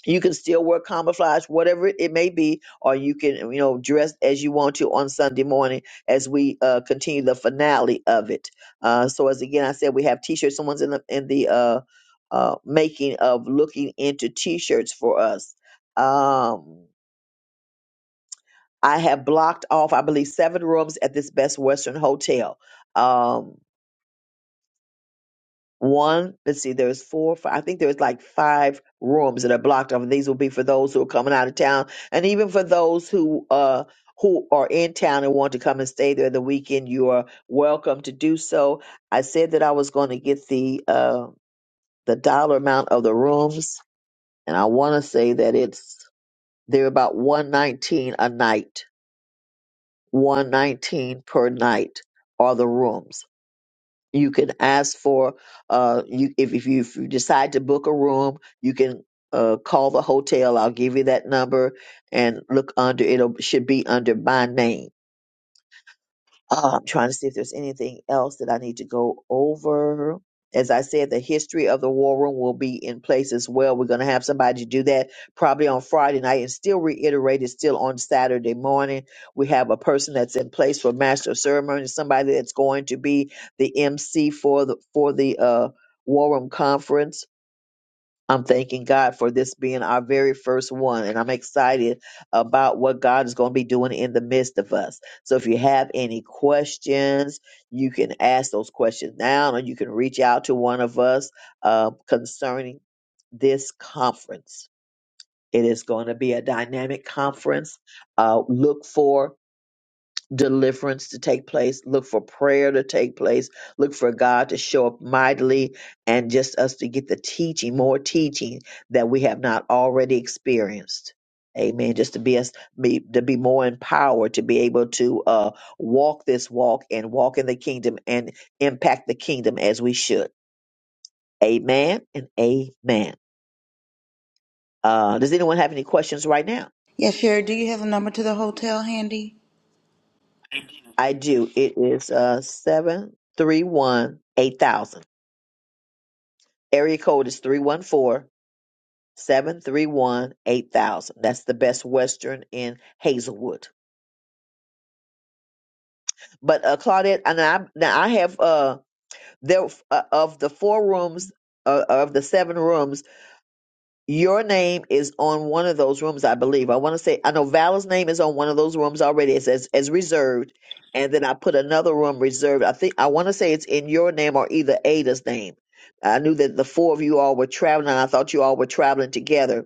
[SPEAKER 1] You can still wear camouflage, whatever it may be, or you can, you know, dress as you want to on Sunday morning as we uh, continue the finale of it. Uh, so, as again I said, we have t-shirts. Someone's in the in the uh, uh, making of looking into t-shirts for us. Um, I have blocked off, I believe, seven rooms at this Best Western Hotel. Um, one, let's see, there's four, five, I think there's like five rooms that are blocked off, and these will be for those who are coming out of town, and even for those who uh who are in town and want to come and stay there the weekend. You are welcome to do so. I said that I was going to get the uh the dollar amount of the rooms, and I want to say that it's they're about one nineteen a night 119 per night are the rooms. You can ask for uh you if if you, if you decide to book a room, you can uh call the hotel. I'll give you that number and look under it'll should be under my name uh, I'm trying to see if there's anything else that I need to go over. As I said, the history of the war room will be in place as well. We're going to have somebody do that probably on Friday night and still reiterate it still on Saturday morning. We have a person that's in place for master of ceremony, somebody that's going to be the MC for the for the uh, war room conference I'm thanking God for this being our very first one, and I'm excited about what God is going to be doing in the midst of us. So, if you have any questions, you can ask those questions now, or you can reach out to one of us uh, concerning this conference. It is going to be a dynamic conference. Uh, look for deliverance to take place, look for prayer to take place, look for God to show up mightily, and just us to get the teaching, more teaching that we have not already experienced. Amen. Just to be us, be, to be more empowered, to be able to uh, walk this walk and walk in the kingdom and impact the kingdom as we should. Amen and amen. Uh, does anyone have any questions right now?
[SPEAKER 4] Yes, Sherry, do you have a number to the hotel handy?
[SPEAKER 1] I do. It is uh, seven three one eight thousand. Area code is 314 731 8000. That's the best Western in Hazelwood. But uh, Claudette, and I now I have uh there uh, of the four rooms uh, of the seven rooms, your name is on one of those rooms, I believe. I want to say I know Vala's name is on one of those rooms already. It says as reserved, and then I put another room reserved. I think I want to say it's in your name or either Ada's name. I knew that the four of you all were traveling, and I thought you all were traveling together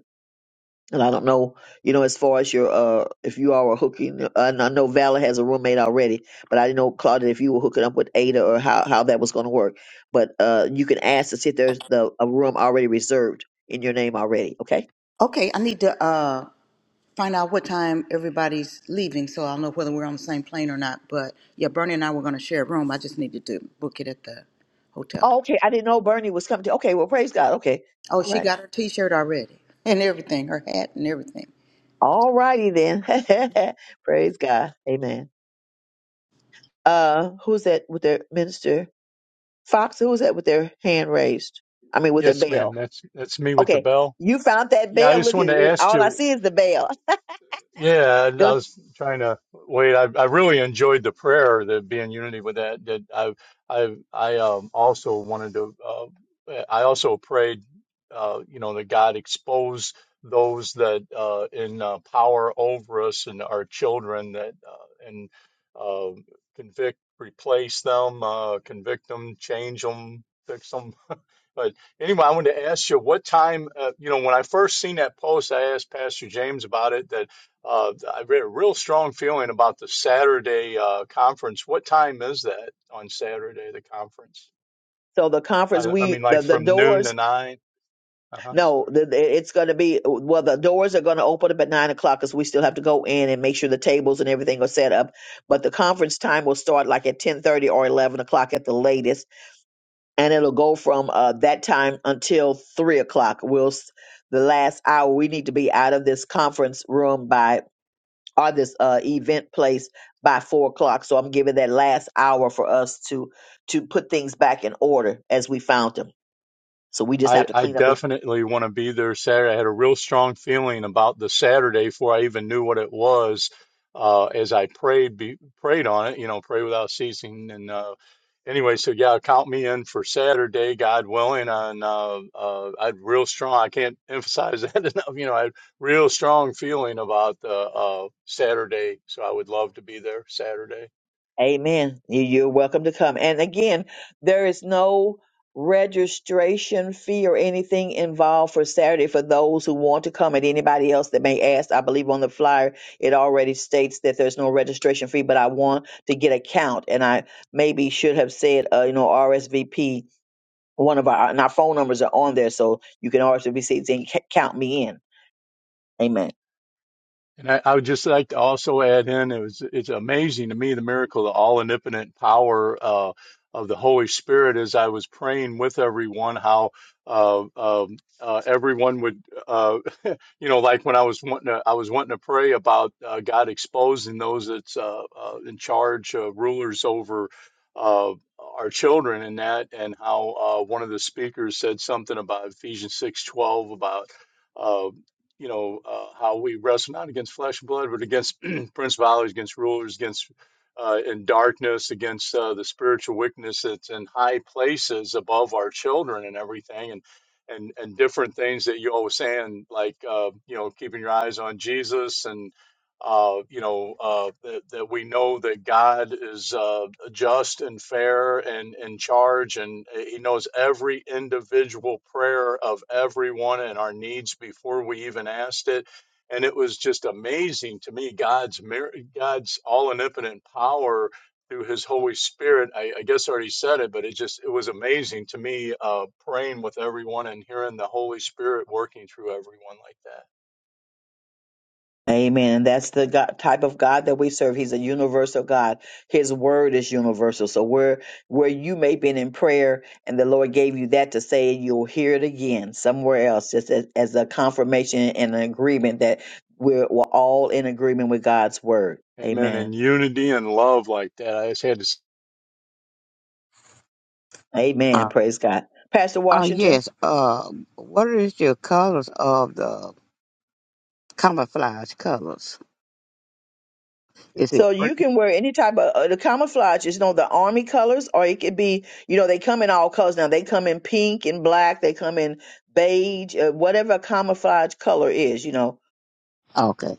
[SPEAKER 1] And I don't know, you know, as far as your, uh, if you all were hooking, and I know Valor has a roommate already, but I didn't know, Claudia, if you were hooking up with Ada or how, how that was going to work. But uh, you can ask to see if there's the, a room already reserved in your name already. Okay.
[SPEAKER 4] Okay, I need to uh, find out what time everybody's leaving so I'll know whether we're on the same plane or not. But yeah, Bernie and I were going to share a room. I just needed to book it at the hotel.
[SPEAKER 1] Oh, okay. I didn't know Bernie was coming to. Okay. Well, praise God. Okay.
[SPEAKER 4] Oh,
[SPEAKER 1] All
[SPEAKER 4] she
[SPEAKER 1] right.
[SPEAKER 4] got her t shirt already and everything, her hat and everything.
[SPEAKER 1] All righty then. praise God. Amen. Uh, who's that with their minister? Fox, who's that with their hand raised? I mean, with their
[SPEAKER 6] yes
[SPEAKER 1] bell.
[SPEAKER 6] ma'am that's that's me with the
[SPEAKER 1] Okay,
[SPEAKER 6] bell
[SPEAKER 1] you found that
[SPEAKER 6] yeah i
[SPEAKER 1] bell.
[SPEAKER 6] just
[SPEAKER 1] Look at
[SPEAKER 6] wanted to
[SPEAKER 1] it.
[SPEAKER 6] ask
[SPEAKER 1] All I
[SPEAKER 6] you
[SPEAKER 1] see is the bell.
[SPEAKER 6] Yeah, and I
[SPEAKER 1] Good.
[SPEAKER 6] was trying to wait. I, I really enjoyed the prayer that being unity with that. That I I I um, also wanted to. Uh, I also prayed, uh, you know, that God expose those that uh, in uh, power over us and our children that uh, and uh, convict, replace them, uh, convict them, change them, fix them. But anyway, I wanted to ask you what time, uh, you know, when I first seen that post, I asked Pastor James about it, that uh, I had a real strong feeling about the Saturday uh, conference. What time is that on Saturday, the conference?
[SPEAKER 1] So the conference,
[SPEAKER 6] I, I mean,
[SPEAKER 1] we
[SPEAKER 6] like
[SPEAKER 1] the the
[SPEAKER 6] from noon to
[SPEAKER 1] doors.
[SPEAKER 6] nine? Uh huh.
[SPEAKER 1] No,
[SPEAKER 6] Sorry.
[SPEAKER 1] the, the- it's going to be well. The doors are going to open up at nine o'clock because we still have to go in and make sure the tables and everything are set up. But the conference time will start like at ten thirty or eleven o'clock at the latest, and it'll go from uh, that time until three o'clock. We'll s- the last hour. We need to be out of this conference room by or this uh, event place by four o'clock. So I'm giving that last hour for us to to put things back in order as we found them. So we just
[SPEAKER 6] I,
[SPEAKER 1] have to
[SPEAKER 6] I
[SPEAKER 1] clean up. The,
[SPEAKER 6] definitely want to be there Saturday. I had a real strong feeling about the Saturday before I even knew what it was. Uh, as I prayed, be, prayed on it, you know, pray without ceasing. And uh, anyway, so yeah, count me in for Saturday, God willing. And uh, uh, I had real strong. I can't emphasize that enough. You know, I had real strong feeling about uh, uh, Saturday. So I would love to be there Saturday.
[SPEAKER 1] amen. You- You're welcome to come. And again, there is no registration fee or anything involved for Saturday for those who want to come and anybody else that may ask. I believe on the flyer it already states that there's no registration fee, but I want to get a count and I maybe should have said, uh, you know, RSVP one of our and our phone numbers are on there, so you can RSVP and ca- count me in. Amen.
[SPEAKER 6] And I, I would just like to also add in, it was, it's amazing to me the miracle, the all omnipotent power uh, of the Holy Spirit as I was praying with everyone, how uh, um, uh, everyone would, uh, you know, like when I was wanting to, I was wanting to pray about uh, God exposing those that's uh, uh, in charge, uh, rulers over uh, our children and that, and how uh, one of the speakers said something about Ephesians 6:12 about. uh, you know, uh, how we wrestle not against flesh and blood, but against principalities, against rulers, against uh, in darkness, against uh, the spiritual wickedness that's in high places above our children and everything, and and and different things that you always saying, like uh, you know, keeping your eyes on Jesus and uh, you know uh, that, that we know that God is uh, just and fair and in charge, and uh, He knows every individual prayer of everyone and our needs before we even asked it. And it was just amazing to me God's mir- God's all omnipotent power through His Holy Spirit. I, I guess I already said it, but it just it was amazing to me uh, praying with everyone and hearing the Holy Spirit working through everyone like that.
[SPEAKER 1] Amen. That's the God, type of God that we serve. He's a universal God. His word is universal. So where where you may been in prayer and the Lord gave you that to say, you'll hear it again somewhere else, just as, as a confirmation and an agreement that we're, we're all in agreement with God's word.
[SPEAKER 6] Amen.
[SPEAKER 1] Amen.
[SPEAKER 6] In unity and love like that, I just had to s-
[SPEAKER 14] Uh,
[SPEAKER 1] Amen. Praise God. Pastor
[SPEAKER 14] uh
[SPEAKER 1] Washington.
[SPEAKER 14] yes, uh what is your colors of the camouflage colors? Is it
[SPEAKER 1] So
[SPEAKER 14] green?
[SPEAKER 1] you can wear any type of uh, the camouflage is you know the army colors, or it could be you know they come in all colors now. They come in pink and black. They come in beige, uh, whatever camouflage color is. You know,
[SPEAKER 14] okay.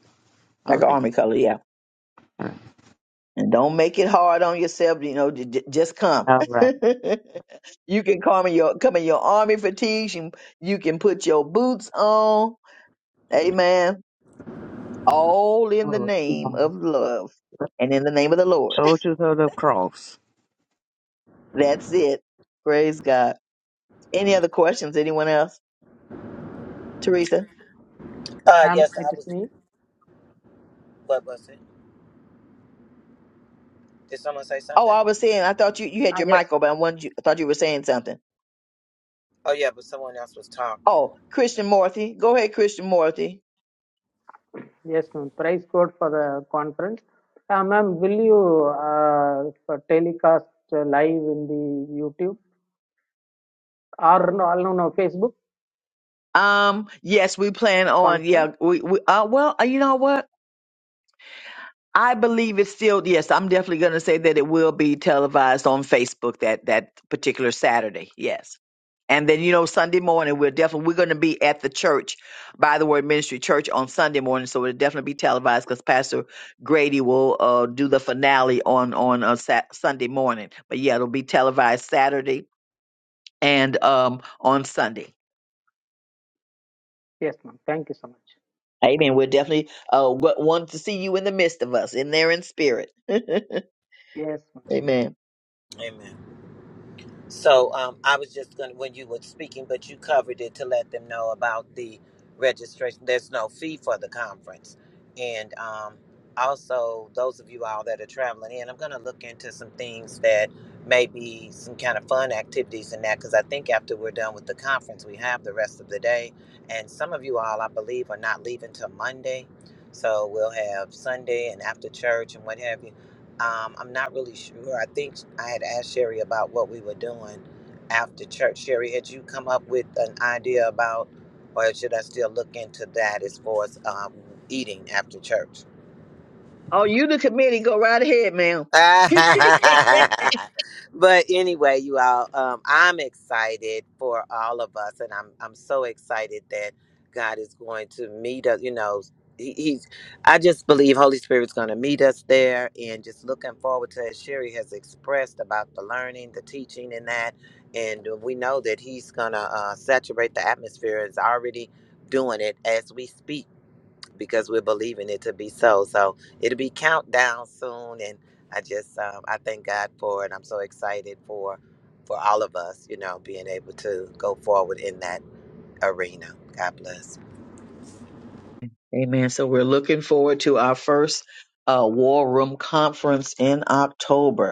[SPEAKER 14] All
[SPEAKER 1] like an
[SPEAKER 14] right.
[SPEAKER 1] army color, yeah.
[SPEAKER 14] All right.
[SPEAKER 1] And don't make it hard on yourself. You know, j- j- just come.
[SPEAKER 14] All right.
[SPEAKER 1] you can come in your come in your army fatigues. You you can put your boots on. Amen. All in the
[SPEAKER 14] All
[SPEAKER 1] name
[SPEAKER 14] right.
[SPEAKER 1] of love and in the name of the Lord.
[SPEAKER 14] Soldiers of the cross.
[SPEAKER 1] That's it. Praise God. Any other questions? Anyone else? Teresa?
[SPEAKER 3] Uh,
[SPEAKER 17] Ma'am,
[SPEAKER 3] yes,
[SPEAKER 17] it
[SPEAKER 3] I
[SPEAKER 17] is
[SPEAKER 3] was.
[SPEAKER 17] me.
[SPEAKER 3] What was it? Did someone say
[SPEAKER 1] Oh,
[SPEAKER 3] something?
[SPEAKER 1] I was saying, I thought you, you had
[SPEAKER 17] Ah,
[SPEAKER 1] your
[SPEAKER 17] yes,
[SPEAKER 1] mic
[SPEAKER 17] ma'am.
[SPEAKER 1] open. I, wanted you, I thought you were saying something.
[SPEAKER 3] Oh yeah, but someone else was talking.
[SPEAKER 1] Oh, Christian Morthy. Go ahead, Christian Morthy.
[SPEAKER 17] Yes, ma'am. Price code for the conference. Ah, ma'am, will you uh, for telecast uh, live in the YouTube or no, no, no, Facebook
[SPEAKER 1] Um, yes, we plan on, yeah,
[SPEAKER 17] conference?
[SPEAKER 1] we, we, uh, well, uh, you know what? I believe it's still, yes, I'm definitely going to say that it will be televised on Facebook that, that particular Saturday. Yes. And then you know Sunday morning we're definitely we're going to be at the church by the Word Ministry Church on Sunday morning, so it'll definitely be televised because Pastor Grady will uh, do the finale on on uh, Sat- Sunday morning. But yeah, it'll be televised Saturday and um on Sunday.
[SPEAKER 17] Yes, ma'am. Thank you so much.
[SPEAKER 1] Amen. We're definitely uh wa- want to see you in the midst of us, in there in spirit.
[SPEAKER 17] Yes, ma'am.
[SPEAKER 1] Amen.
[SPEAKER 3] Amen. So um, I was just gonna when you were speaking, but you covered it to let them know about the registration. There's no fee for the conference, and um, also those of you all that are traveling in, I'm gonna look into some things that maybe some kind of fun activities and that because I think after we're done with the conference, we have the rest of the day, and some of you all I believe are not leaving till Monday, so we'll have Sunday and after church and what have you. Um, I'm not really sure. I think I had asked Sherry about what we were doing after church. Sherry, had you come up with an idea about, or should I still look into that as far as um, eating after church?
[SPEAKER 1] Oh, you the committee, go right ahead, ma'am.
[SPEAKER 3] but anyway, you all, um, I'm excited for all of us, and I'm I'm so excited that God is going to meet us. You know, he, he's. I just believe Holy Spirit's going to meet us there, and just looking forward to as Sherry has expressed about the learning, the teaching, and that. And we know that He's going to uh, saturate the atmosphere. Is already doing it as we speak because we're believing it to be so. So it'll be countdown soon, and I just um, I thank God for it. I'm so excited for for all of us, you know, being able to go forward in that arena. God bless.
[SPEAKER 1] Amen. So we're looking forward to our first uh, War Room Conference in October.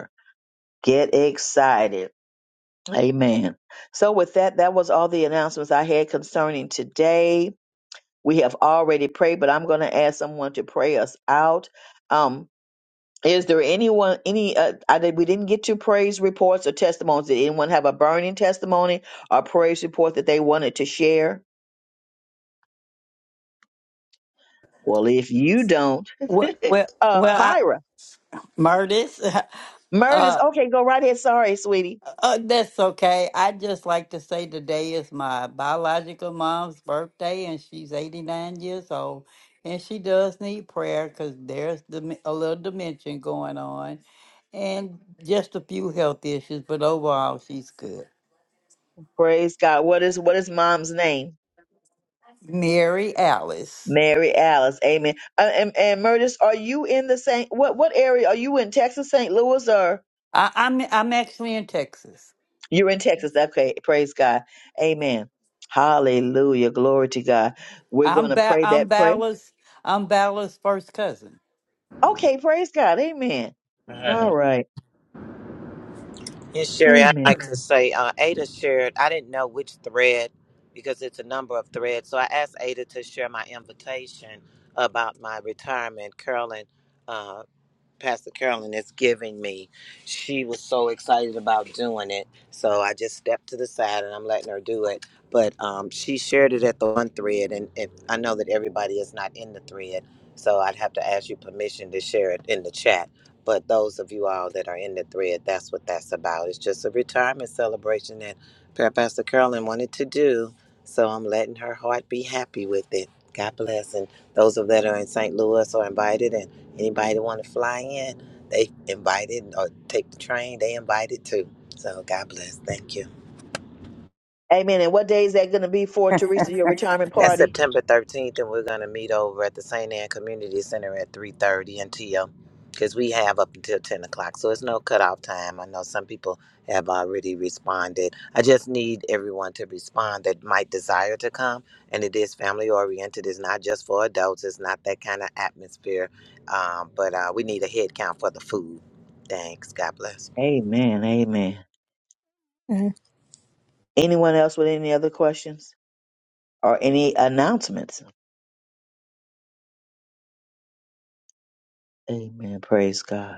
[SPEAKER 1] Get excited. Amen. So, with that, that was all the announcements I had concerning today. We have already prayed, but I'm going to ask someone to pray us out. Um, is there anyone, any, uh, I did, we didn't get to praise reports or testimonies. Did anyone have a burning testimony or praise report that they wanted to share? Well, if you don't,
[SPEAKER 13] Well, well,
[SPEAKER 1] uh,
[SPEAKER 13] well I,
[SPEAKER 1] Myra,
[SPEAKER 13] Murtis,
[SPEAKER 1] Meredith,
[SPEAKER 13] uh,
[SPEAKER 1] okay, go right ahead. Sorry, sweetie.
[SPEAKER 13] uh, that's okay. I just like to say today is my biological mom's birthday, and she's 89 years old, and she does need prayer because there's dem- a little dementia going on, and just a few health issues, but overall, she's good.
[SPEAKER 1] Praise God. What is, what is mom's name?
[SPEAKER 13] Mary Alice.
[SPEAKER 1] Mary Alice, amen. Uh, and and Murtis, are you in the Saint? What what area are you in? Texas, St. Louis, or
[SPEAKER 13] I, I'm I'm actually in Texas.
[SPEAKER 1] you're in Texas? Okay, praise God, amen. Hallelujah, glory to God. We're
[SPEAKER 13] I'm
[SPEAKER 1] going to
[SPEAKER 13] ba-
[SPEAKER 1] pray
[SPEAKER 13] I'm
[SPEAKER 1] that prayer.
[SPEAKER 13] Balla's I'm Balla's first cousin.
[SPEAKER 1] Okay, praise God, amen. All right,
[SPEAKER 3] Uh, And Sherry, I'd
[SPEAKER 1] amen,
[SPEAKER 3] like to say, uh, Ada shared. I didn't know which thread because it's a number of threads. So I asked Ada to share my invitation about my retirement. Carolyn uh, Pastor Carolyn is giving me. She was so excited about doing it. So I just stepped to the side and I'm letting her do it. But um, she shared it at the one thread, and if, I know that everybody is not in the thread. So I'd have to ask you permission to share it in the chat. But those of you all that are in the thread, that's what that's about. It's just a retirement celebration that Pa- Pastor Carolyn wanted to do. So I'm letting her heart be happy with it. God bless. And those of that are in St. Louis are invited, and Anybody that want to fly in, they invited or take the train, they invited too. So God bless. Thank you.
[SPEAKER 1] amen. And what day is that going to be for Teresa? Your retirement
[SPEAKER 3] That's
[SPEAKER 1] party?
[SPEAKER 3] September 13th, and we're going to meet over at the St. Anne Community Center at 3.30 until, because we have up until 10 o'clock. So it's no cutoff time. I know some people have already responded. I just need everyone to respond that might desire to come. And it is family oriented. It's not just for adults. It's not that kind of atmosphere. Um, but uh, we need a head count for the food. Thanks. God bless.
[SPEAKER 1] Amen, amen. Anyone else with any other questions or any announcements? Amen. Praise God.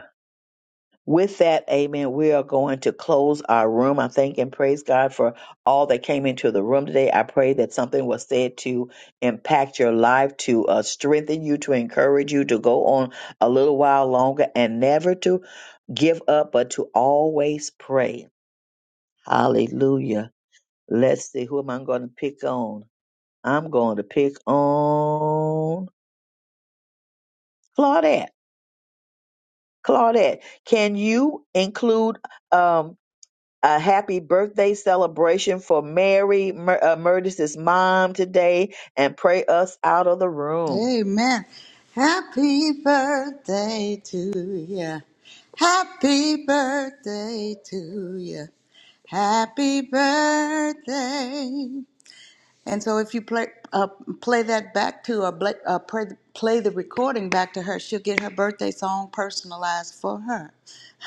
[SPEAKER 1] With that, amen, we are going to close our room. I thank and praise God for all that came into the room today. I pray that something was said to impact your life, to uh, strengthen you, to encourage you to go on a little while longer and never to give up, but to always pray. Hallelujah. Let's see, who am I going to pick on? I'm going to pick on Claudette. Claudette, can you include? um? a happy birthday celebration for Mary Mur- uh, Murtis's mom today and pray us out of the room.
[SPEAKER 4] Amen. Happy birthday to ya. Happy birthday to ya. Happy birthday. And so if you play uh, play that back to or play, uh, play, play the recording back to her, she'll get her birthday song personalized for her.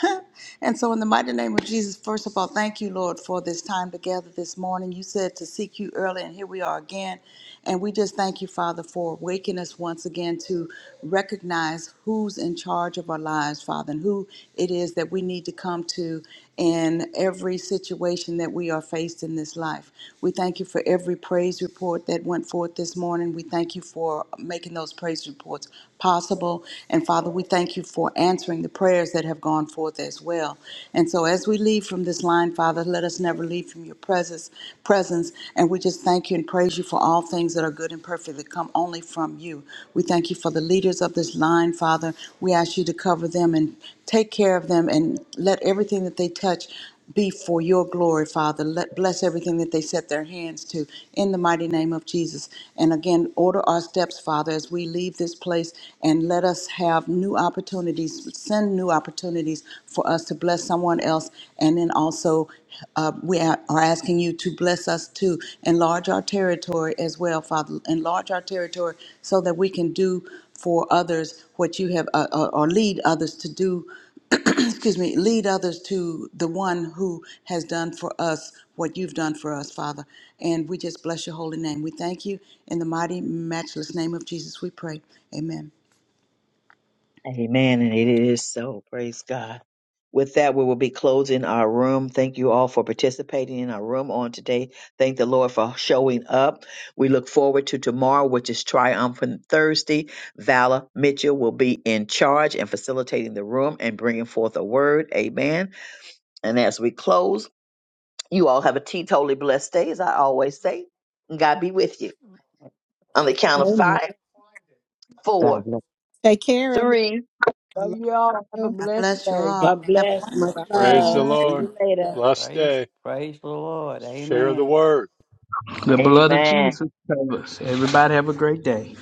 [SPEAKER 4] and so in the mighty name of Jesus, first of all, thank you, Lord, for this time together this morning. You said to seek you early, and here we are again. And we just thank you, Father, for waking us once again to recognize who's in charge of our lives, Father, and who it is that we need to come to in every situation that we are faced in this life. We thank you for every praise report that went forth this morning. We thank you for making those praise reports possible. And Father, we thank you for answering the prayers that have gone forth as well. And so as we leave from this line, Father, let us never leave from your presence presence. And we just thank you and praise you for all things that are good and perfect that come only from you you. We thank you for the leaders of this line, Father. We ask you to cover them and take care of them and let everything that they touch be for your glory, Father. Let bless everything that they set their hands to in the mighty name of Jesus. And again, order our steps, Father, as we leave this place and let us have new opportunities. Send new opportunities for us to bless someone else and then also uh, we are are asking you to bless us to enlarge our territory as well, Father. Enlarge our territory so that we can do for others what you have, uh, uh, or lead others to do, excuse me, lead others to the one who has done for us what you've done for us, Father. And we just bless your holy name. We thank you in the mighty, matchless name of Jesus, we pray. Amen.
[SPEAKER 1] Amen. And it is so. Praise God. With that, we will be closing our room. Thank you all for participating in our room on today. Thank the Lord for showing up. We look forward to tomorrow, which is Triumphant Thursday. Vala Mitchell will be in charge and facilitating the room and bringing forth a word. Amen. And as we close, You all have a teetotally blessed day, as I always say. And God be with you. On the count of
[SPEAKER 2] Amen.
[SPEAKER 1] five, four,
[SPEAKER 14] God bless.
[SPEAKER 2] Take care, everyone.
[SPEAKER 1] three.
[SPEAKER 2] I
[SPEAKER 18] Love
[SPEAKER 2] love
[SPEAKER 18] you all. Have a
[SPEAKER 2] you.
[SPEAKER 4] I
[SPEAKER 18] blessed
[SPEAKER 4] bless you
[SPEAKER 18] day.
[SPEAKER 4] all.
[SPEAKER 11] God
[SPEAKER 4] Have a
[SPEAKER 11] bless. Much
[SPEAKER 4] wonderful day.
[SPEAKER 6] praise the
[SPEAKER 11] love.
[SPEAKER 2] Bye.
[SPEAKER 11] See
[SPEAKER 6] Lord.
[SPEAKER 11] you later.
[SPEAKER 6] Blessed
[SPEAKER 13] Praise,
[SPEAKER 6] day.
[SPEAKER 13] praise the Lord.
[SPEAKER 6] Share the
[SPEAKER 13] Amen.
[SPEAKER 6] word.
[SPEAKER 9] The blood of
[SPEAKER 1] Amen.
[SPEAKER 9] Jesus covers. Everybody have a great day.